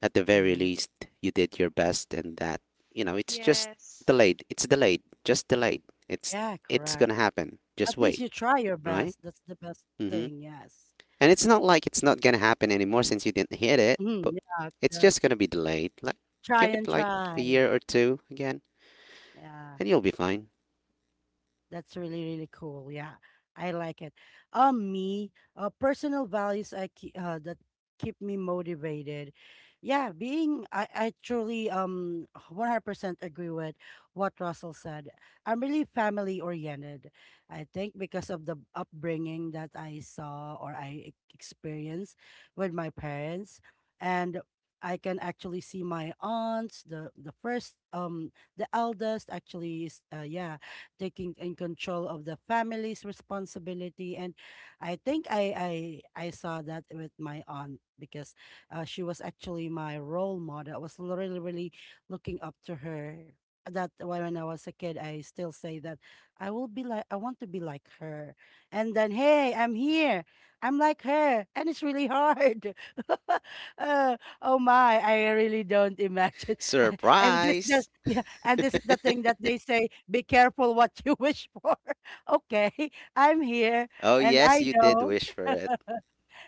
B: at the very
A: Hmm.
B: least you did your best and that you know it's just
C: Yes.
B: delayed it's delayed just delayed, it's
A: Yeah,
B: it's
A: correct.
B: gonna happen, just
A: At least
B: wait,
A: you try your
B: right?
A: best. That's the best
B: Mm-hmm.
A: thing. Yes.
B: And it's not like it's not gonna happen anymore since you didn't hit it,
A: Hmm.
B: but
A: Yeah,
B: it's
A: correct.
B: just gonna be delayed. Like
A: Try
B: give it
A: and
B: like a
A: try.
B: year or two again
A: Yeah.
B: and you'll be fine.
A: That's really, really cool. Yeah, I like it. Me, personal values I keep, that keep me motivated. Yeah, being I truly 100% agree with what Russell said. I'm really family oriented. I think because of the upbringing that I saw or I experienced with my parents. And I can actually see my aunts. The first, the eldest actually, is yeah, taking in control of the family's responsibility. And I think I saw that with my aunt because she was actually my role model. I was really, really looking up to her. That why when I was a kid, I still say that I want to be like her. And then hey, I'm here. I'm like her, and it's really hard. Oh my, I really don't imagine. and this the
B: Surprise.
A: Yeah, and this is the thing that they say, be careful what you wish for. Okay, I'm here
B: Oh
A: and
B: yes,
A: I
B: you did
A: know.
B: wish for it.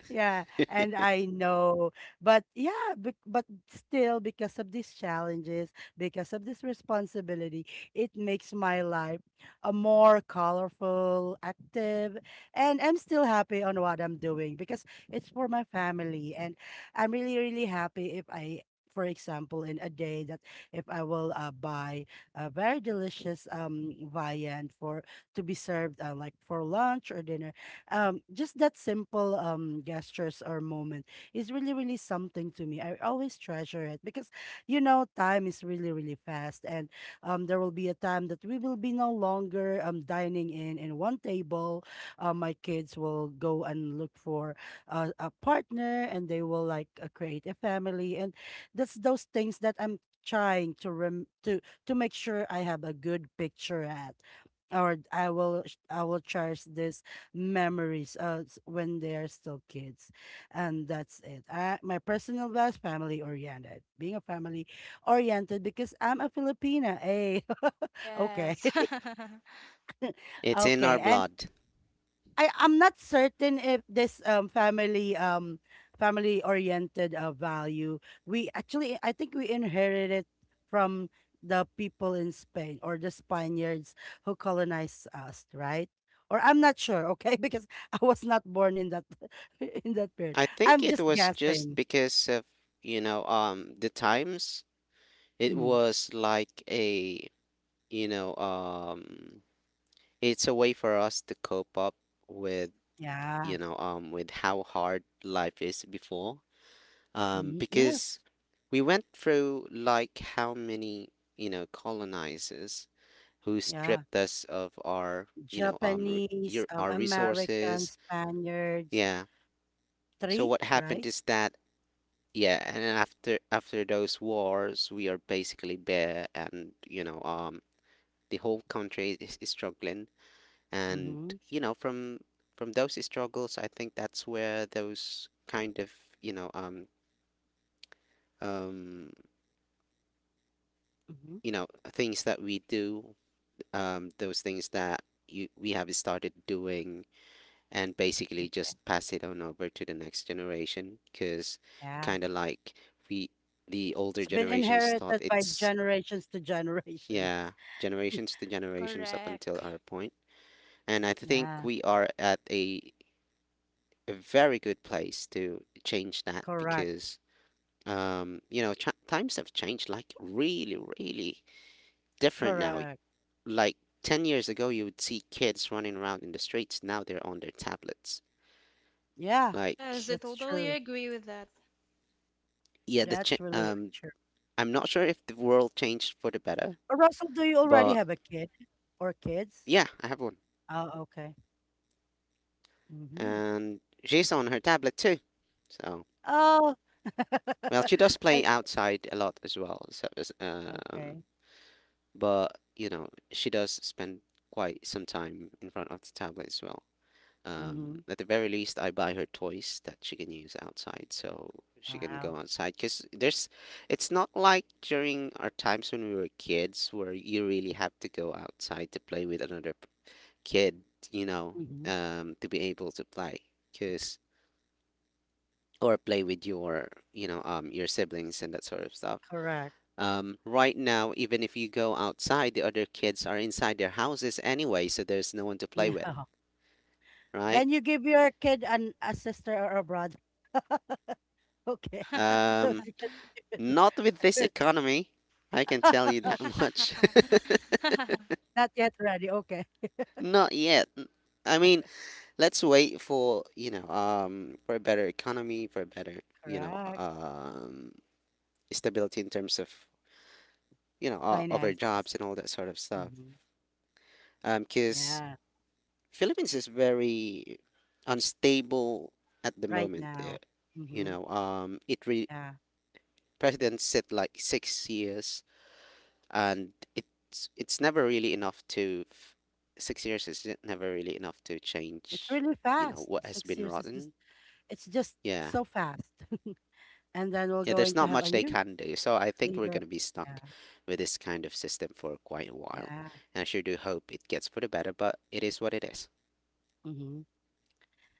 A: Yeah, and I know, but yeah, but still, because of these challenges, because of this responsibility, it makes my life a more colorful, active, and I'm still happy on what I'm doing because it's for my family, and I'm really, really happy if I. For example, in a day that if I will buy a very delicious viand for to be served, like for lunch or dinner, just that simple gestures or moment is really, really something to me. I always treasure it because, you know, time is really, really fast. And there will be a time that we will be no longer dining in one table. My kids will go and look for a partner and they will, like, create a family. And that's those things that I'm trying to rem- to make sure I have a good picture at, or I will cherish this memories when they are still kids. And that's it. My personal values, family oriented, being a family oriented, because I'm a Filipina. Hey! Okay.
C: Yes.
B: It's in our
A: Okay. And
B: blood.
A: I'm not certain if this family, oriented, value, we actually I think we inherited it from the people in Spain, or the Spaniards who colonized us, right? Or I'm not sure. Okay. Because I was not born in that in that period.
B: I think
A: I'm
B: it
A: just
B: was just
A: guessing.
B: because of the times. It
A: Mm,
B: was like a you know um it's a way for us to cope up with
A: yeah.
B: with how hard life is before,
A: Mhm. Yes.
B: because we went through like how many you know colonizers who
A: Yeah.
B: stripped us of our
A: Japanese,
B: our
A: American,
B: resources.
A: Spaniards,
B: Yeah, so
A: three,
B: what happened
A: right?
B: is that, yeah, and then after those wars we are basically bare, and the whole country is struggling, and
A: Mm-hmm.
B: you know from those struggles I think that's where those kind of you know um um
A: Mm-hmm.
B: you know things that we do, those things that we have started doing and basically just pass it on over to the next generation because
A: Yeah.
B: kind of like we the older
A: It's been
B: generations thought
A: inherited by
B: it's,
A: generations to generations.
B: yeah, generations to generations up until
C: Correct.
B: our point, and I think
A: Yeah,
B: we are at a very good place to change that
A: correct,
B: because you know times have changed like really really different now.
A: correct.
B: Like 10 years ago you would see kids running around in the streets, now they're on their tablets.
A: Yeah,
C: Yes, I
B: Like,
A: that's
C: totally
A: true.
C: agree with that.
B: yeah, the
A: That's really, really true.
B: I'm not sure if the world changed for the better,
A: Russell, do you already
B: but
A: have a kid or kids?
B: yeah, I have one
A: Oh, okay. Mm-hmm.
B: and she's on her tablet too so
A: Oh,
B: well she does play
A: I-
B: outside a lot as well so
A: okay.
B: but, you know, she does spend quite some time in front of the tablet as well.
A: Mm-hmm.
B: At the very least, I buy her toys that she can use outside so she can
A: Wow.
B: go outside. Because there's, it's not like during our times when we were kids where you really have to go outside to play with another kid, you know,
A: Mm-hmm.
B: to be able to play. Because, or play with your, your siblings and that sort of stuff.
A: Correct.
B: Right now, even if you go outside, the other kids are inside their houses anyway, so there's no one to play with,
A: No.
B: right?
A: Then you give your kid an a sister or a brother. Okay. So
B: Um,
A: she can.
B: not with this economy, I can tell you that much.
A: Not yet ready. Okay.
B: Not yet. I mean, let's wait for, for a better economy, for a better, you know,
A: Correct.
B: um, stability in terms of, of our
A: Finances.
B: jobs and all that sort of stuff.
A: Mhm.
B: 'Cause
A: Yeah,
B: Philippines is very unstable at the
A: right
B: moment.
A: now.
B: You
A: Mhm.
B: know,
A: Yeah.
B: presidents sit like 6 years, and it's never really enough to 6 years is never really enough to
A: It's
B: change.
A: really
B: You know
A: fast.
B: what has
A: Six
B: been
A: years is just,
B: rotten.
A: it's just
B: Yeah,
A: so fast. And then we're
B: yeah. There's
A: going to
B: not
A: have a
B: much they
A: new
B: can do. So I think we're
A: leader.
B: gonna be stuck
A: Yeah.
B: with this kind of system for quite a while,
A: Yeah.
B: and I sure do hope it gets for the better. But it is what it is.
A: Hmm.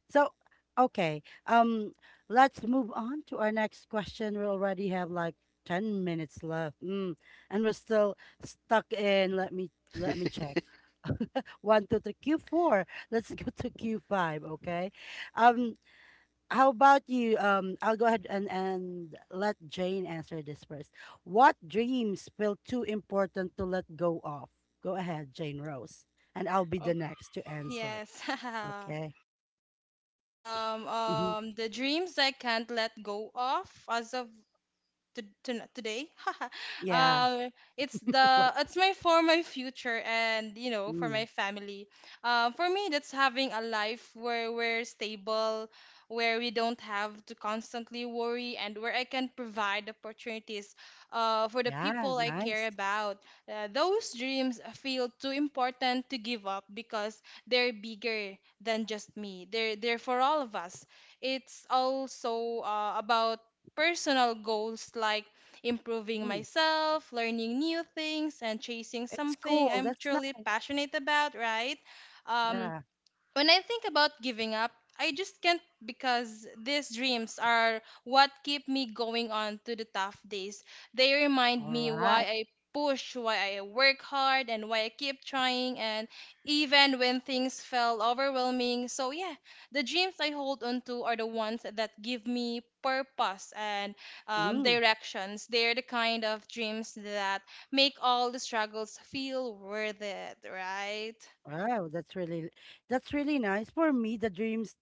A: So, okay. Let's move on to our next question. We already have like 10 minutes left. Mm. And we're still stuck in, let me check. One, two, three, Q4. Let's go to Q5, okay? Um, How about you? I'll go ahead and let Jane answer this first. What dreams feel too important to let go of? Go ahead, Jane Rose, and I'll be
C: Oh,
A: the next to answer.
C: yes.
A: Okay. Mm-hmm.
C: The dreams I can't let go of as of to, today.
A: Yeah.
C: um it's
A: What?
C: the it's my for my future and you know for
A: Mm,
C: my family. For me, that's having a life where we're stable, where we don't have to constantly worry, and where I can provide opportunities for the
A: yeah.
C: people I
A: Nice.
C: care about. Uh, those dreams feel too important to give up because they're bigger than just me, they're for all of us. It's also about personal goals like improving
A: Mm,
C: myself, learning new things, and chasing
A: it's
C: something
A: cool.
C: I'm
A: That's
C: truly
A: nice.
C: passionate about, right? Um,
A: Yeah.
C: when I think about giving up, I just can't because these dreams are what keep me going on to the tough days. They remind
A: All
C: me why
A: right.
C: I push, why I work hard, and why I keep trying, and even when things felt overwhelming. So, yeah, the dreams I hold on to are the ones that give me purpose and
A: Mm.
C: directions. They're the kind of dreams that make all the struggles feel worth it, right?
A: Wow, that's really nice. For me, the dreams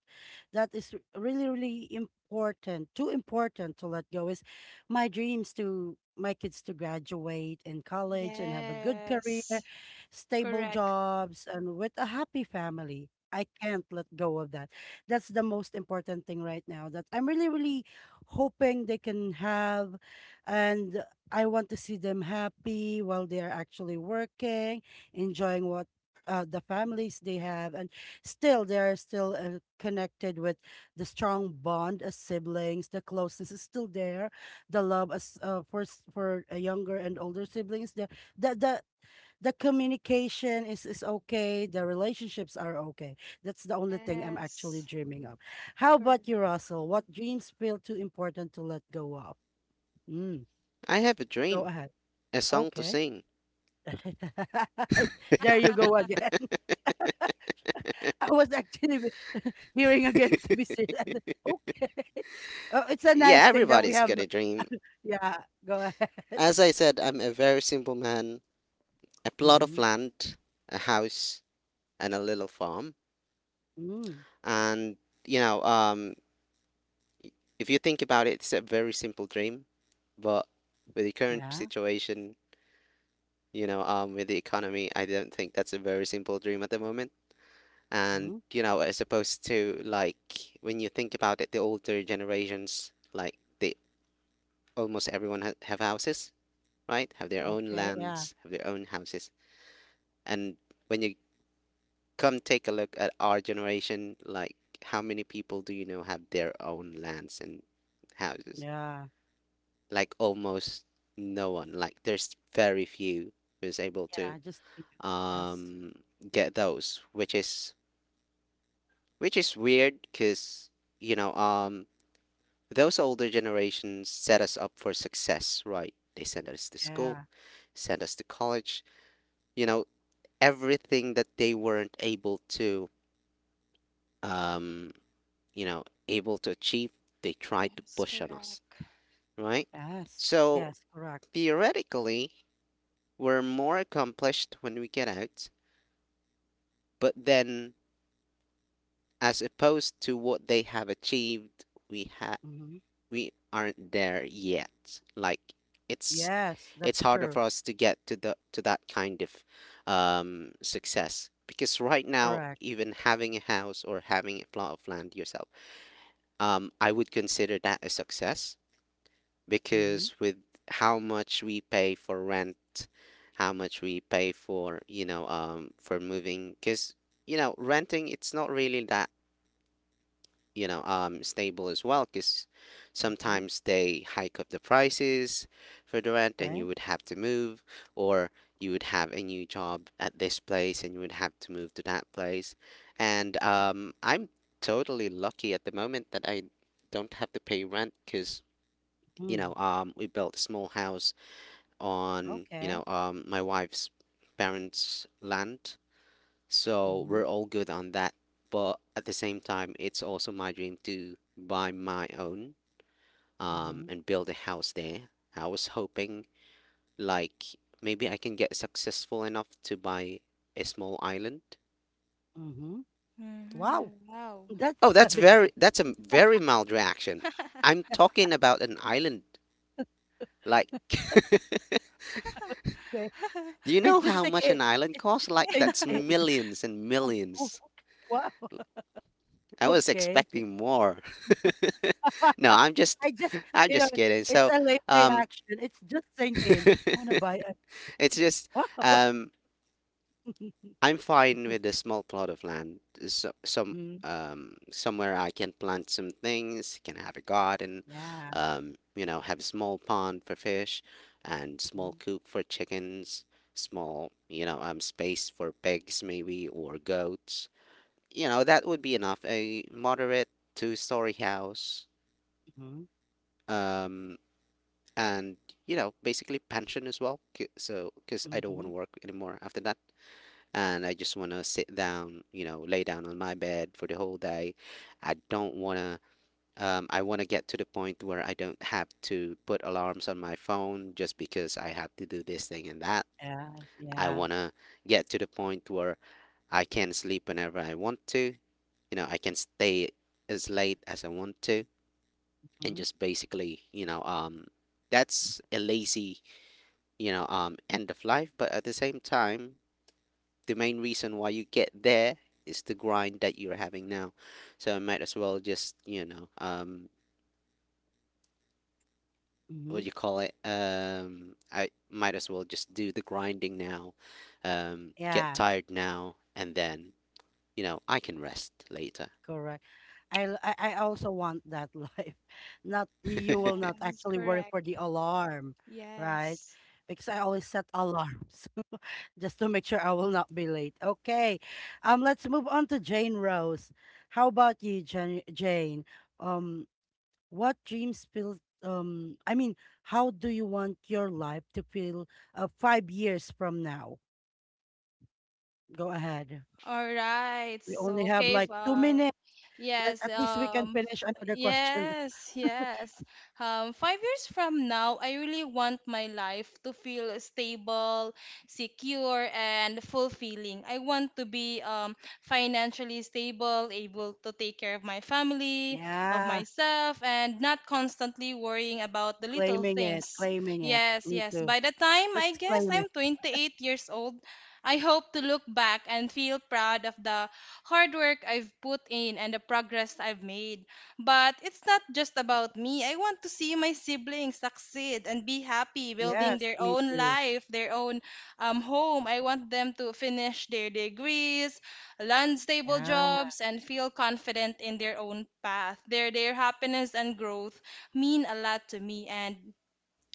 A: that is really, really important, too important to let go, is my dreams to my kids to graduate in college and have a good career,
C: Yes.
A: stable
C: Correct.
A: jobs, and with a happy family. I can't let go of that. That's the most important thing right now that I'm really, really hoping they can have. And I want to see them happy while they're actually working, enjoying what the families they have, and still they're still connected with the strong bond as siblings. The closeness is still there. The love as, for s- for younger and older siblings. The the the, the communication is okay. The relationships are okay. That's the only thing I'm actually
C: Yes.
A: dreaming of. How
C: Correct.
A: about you, Russell? What dreams feel too important to let go of? Mm,
B: I have a
A: go
B: dream,
A: ahead.
B: a song to
A: Okay.
B: sing.
A: There you go again. I was actually hearing again to be serious. Okay. Oh, it's a nice
B: Yeah,
A: thing that we
B: everybody's
A: have.
B: got a dream.
A: Yeah, go ahead.
B: As I said, I'm a very simple man. A plot of
A: Mm-hmm.
B: land, a house, and a little farm.
A: Mm.
B: And you know, um, if you think about it, it's a very simple dream. But with the current
A: Yeah.
B: situation, with the economy, I don't think that's a very simple dream at the moment. And
A: Mm.
B: you know, as opposed to like when you think about it, the older generations, like they have houses, right? Have their own
A: Okay. Yeah.
B: lands, have their own houses. And when you come take a look at our generation, like how many people do you know have their own lands and houses?
A: Yeah.
B: Like almost no one. Like there's very few who's able to
A: Yeah. Yes.
B: um get those, which is weird because you know um those older generations set us up for success, right? They sent us to school,
A: Yeah.
B: sent us to college, you know, everything that they weren't able to um you know able to achieve they try to
C: Yes,
B: push on us,
C: correct.
B: right.
A: Yes.
B: So
A: Yes. Correct.
B: theoretically we're more accomplished when we get out, but then as opposed to what they have achieved, we ha-
A: Mm-hmm.
B: we aren't there yet. Like it's
A: Yes.
B: it's
A: That's
B: harder for
A: true.
B: us to get to the to that kind of success, because right now
A: Correct.
B: even having a house or having a plot of land yourself, I would consider that a success,
A: Mm-hmm.
B: because with how much we pay for rent, how much we pay for, for moving, because, renting, it's not really that, stable as well, because
A: Mm-hmm.
B: sometimes they hike up the prices for the rent and you
A: Okay.
B: would have to move, or you would have a new job at this place and you would have to move to that place. And I'm totally lucky at the moment that I don't have to pay rent because,
A: Mm.
B: we built a small house on,
A: Okay.
B: my wife's parents' land. So we're
A: Mm-hmm.
B: all good on that. But at the same time, it's also my dream to buy my own
A: Mm-hmm.
B: and build a house there. I was hoping, like, maybe I can get successful enough to buy a small island.
A: Mm-hmm.
C: Mm-hmm.
A: Wow.
C: Wow.
B: Oh,
A: That's,
B: that's
A: a big.
B: very, that's a very mild reaction. I'm talking about an island. Like,
A: Okay.
B: do you know
A: It's
B: how
A: just like
B: much an
A: it,
B: island
A: it's
B: costs?
A: just
B: Like, that's
A: thinking.
B: millions and
A: Oh, oh, okay.
B: millions.
A: Wow.
B: I was
A: Okay.
B: expecting more. No, I'm just,
A: I just,
B: I'm
A: you know,
B: just kidding.
A: it's
B: So,
A: a late
B: um,
A: reaction. It's just sink in. Wanna buy a.
B: it's just, um, I'm fine with a small plot of land. So,
A: Mm,
B: somewhere I can plant some things, can have a garden,
A: yeah.
B: have a small pond for fish, and small coop for chickens, small, space for pigs maybe or goats. You know, that would be enough. A moderate two-story house.
A: Mm-hmm.
B: Um, and basically pension as well, so because I don't want
A: Mm-hmm.
B: to work anymore after that. And I just want to sit down, lay down on my bed for the whole day. I don't want to. I want to get to the point where I don't have to put alarms on my phone just because I have to do this thing and that.
A: Yeah.
B: I
A: Yeah.
B: want to get to the point where I can sleep whenever I want to. I can stay as late as I want to. And
A: Mm-hmm.
B: just basically that's a lazy end of life. But at the same time, the main reason why you get there is the grind that you're having now. So I might as well just you know what do
A: Mm-hmm.
B: you call it I might as well just do the grinding now. Get
A: Yeah.
B: tired now, and then I can rest later.
A: Correct. I l- I also want that life. Not you will not
C: Yes,
A: actually worry
C: correct.
A: for the alarm, right?
C: Yes.
A: Because I always set alarms just to make sure I will not be late. Okay. Let's move on to Jane Rose. How about you, Jane? Jane? Um what dreams feel I mean, how do you want your life to feel, 5 years from now? Go ahead.
C: All right.
A: We only
C: So,
A: have like 2 minutes.
C: Yes,
A: At least we can finish another question.
C: yes, yes. 5 years from now, I really want my life to feel stable, secure, and fulfilling. I want to be financially stable, able to take care of my family, of
A: Yeah,
C: myself, and not constantly worrying about the little
A: claiming it,
C: things.
A: claiming it.
C: Yes,
A: Me
C: yes.
A: too.
C: By the time I
A: Let's
C: guess
A: claim
C: I'm
A: it.
C: 28 years old, I hope to look back and feel proud of the hard work I've put in and the progress I've made. But it's not just about me. I want to see my siblings succeed and be happy, building
A: Yes,
C: their
A: me
C: own
A: too.
C: life, their own home. I want them to finish their degrees, land stable
A: Yeah,
C: jobs, and feel confident in their own path. Their happiness and growth mean a lot to me. And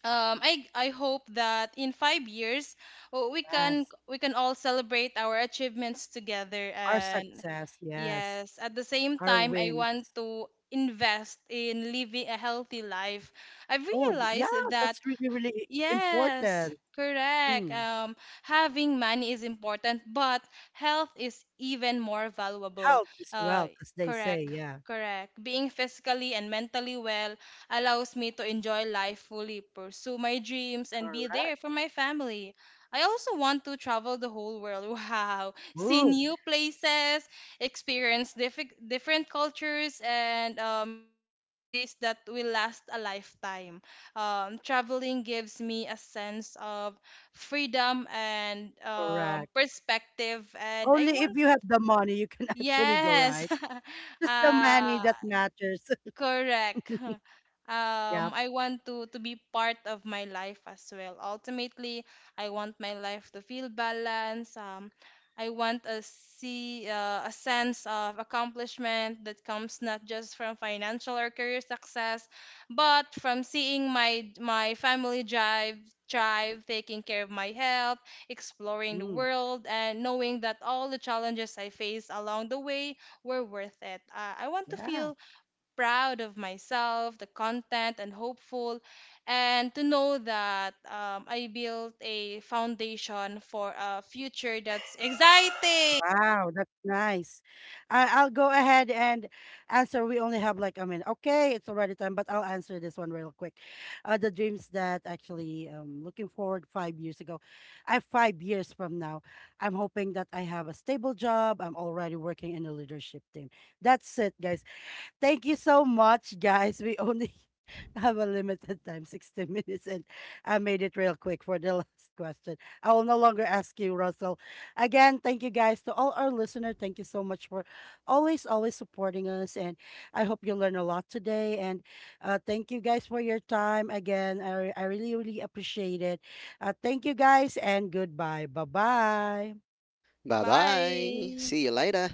C: I hope that in 5 years uh,
A: yes.
C: we can all celebrate our achievements together,
A: Our
C: and
A: success, yes.
C: yes, at the same
A: Our
C: time I
A: wins.
C: want to invest in living a healthy life. I've
A: Oh, yeah,
C: realized that
A: that's really, really
C: yes,
A: important.
C: correct.
A: Mm.
C: Having money is important, but health is even more valuable.
A: Health is
C: Uh,
A: wealth, as they say.
C: correct,
A: Yeah,
C: Correct. Being physically and mentally well allows me to enjoy life fully, pursue my dreams, and be
A: correct.
C: there for my family. I also want to travel the whole world. Wow, see
A: Ooh.
C: new places, experience different cultures, and create memories that will last a lifetime. Traveling gives me a sense of freedom and
A: Correct.
C: perspective, and I
A: Only if
C: want
A: you have the money you can actually go,
C: yes,
A: right? Just the
C: uh,
A: money that matters.
C: correct.
A: Yep.
C: I want to be part of my life as well. Ultimately, I want my life to feel balanced. I want a see a sense of accomplishment that comes not just from financial or career success, but from seeing my my family drive thrive, taking care of my health, exploring the
A: Mm.
C: world, and knowing that all the challenges I faced along the way were worth it. I want to
A: Yeah.
C: feel proud of myself, the content, and hopeful. And to know that I built a foundation for a future that's exciting.
A: Wow, that's nice. I'll go ahead and answer. We only have like a minute. Okay, it's already time, but I'll answer this one real quick. The dreams that actually, looking forward 5 years ago. I 5 years from now, I'm hoping that I have a stable job. I'm already working in a leadership team. That's it, guys. Thank you so much, guys. We only have a limited time, 60 minutes, and I made it real quick for the last question. I will no longer ask you, Russell. Again, thank you guys to all our listeners. Thank you so much for always, always supporting us. And I hope you learn a lot today. And thank you guys for your time. Again, I really, really appreciate it. Thank you guys, and goodbye. Bye bye.
B: Bye bye,
C: Bye.
B: see you later.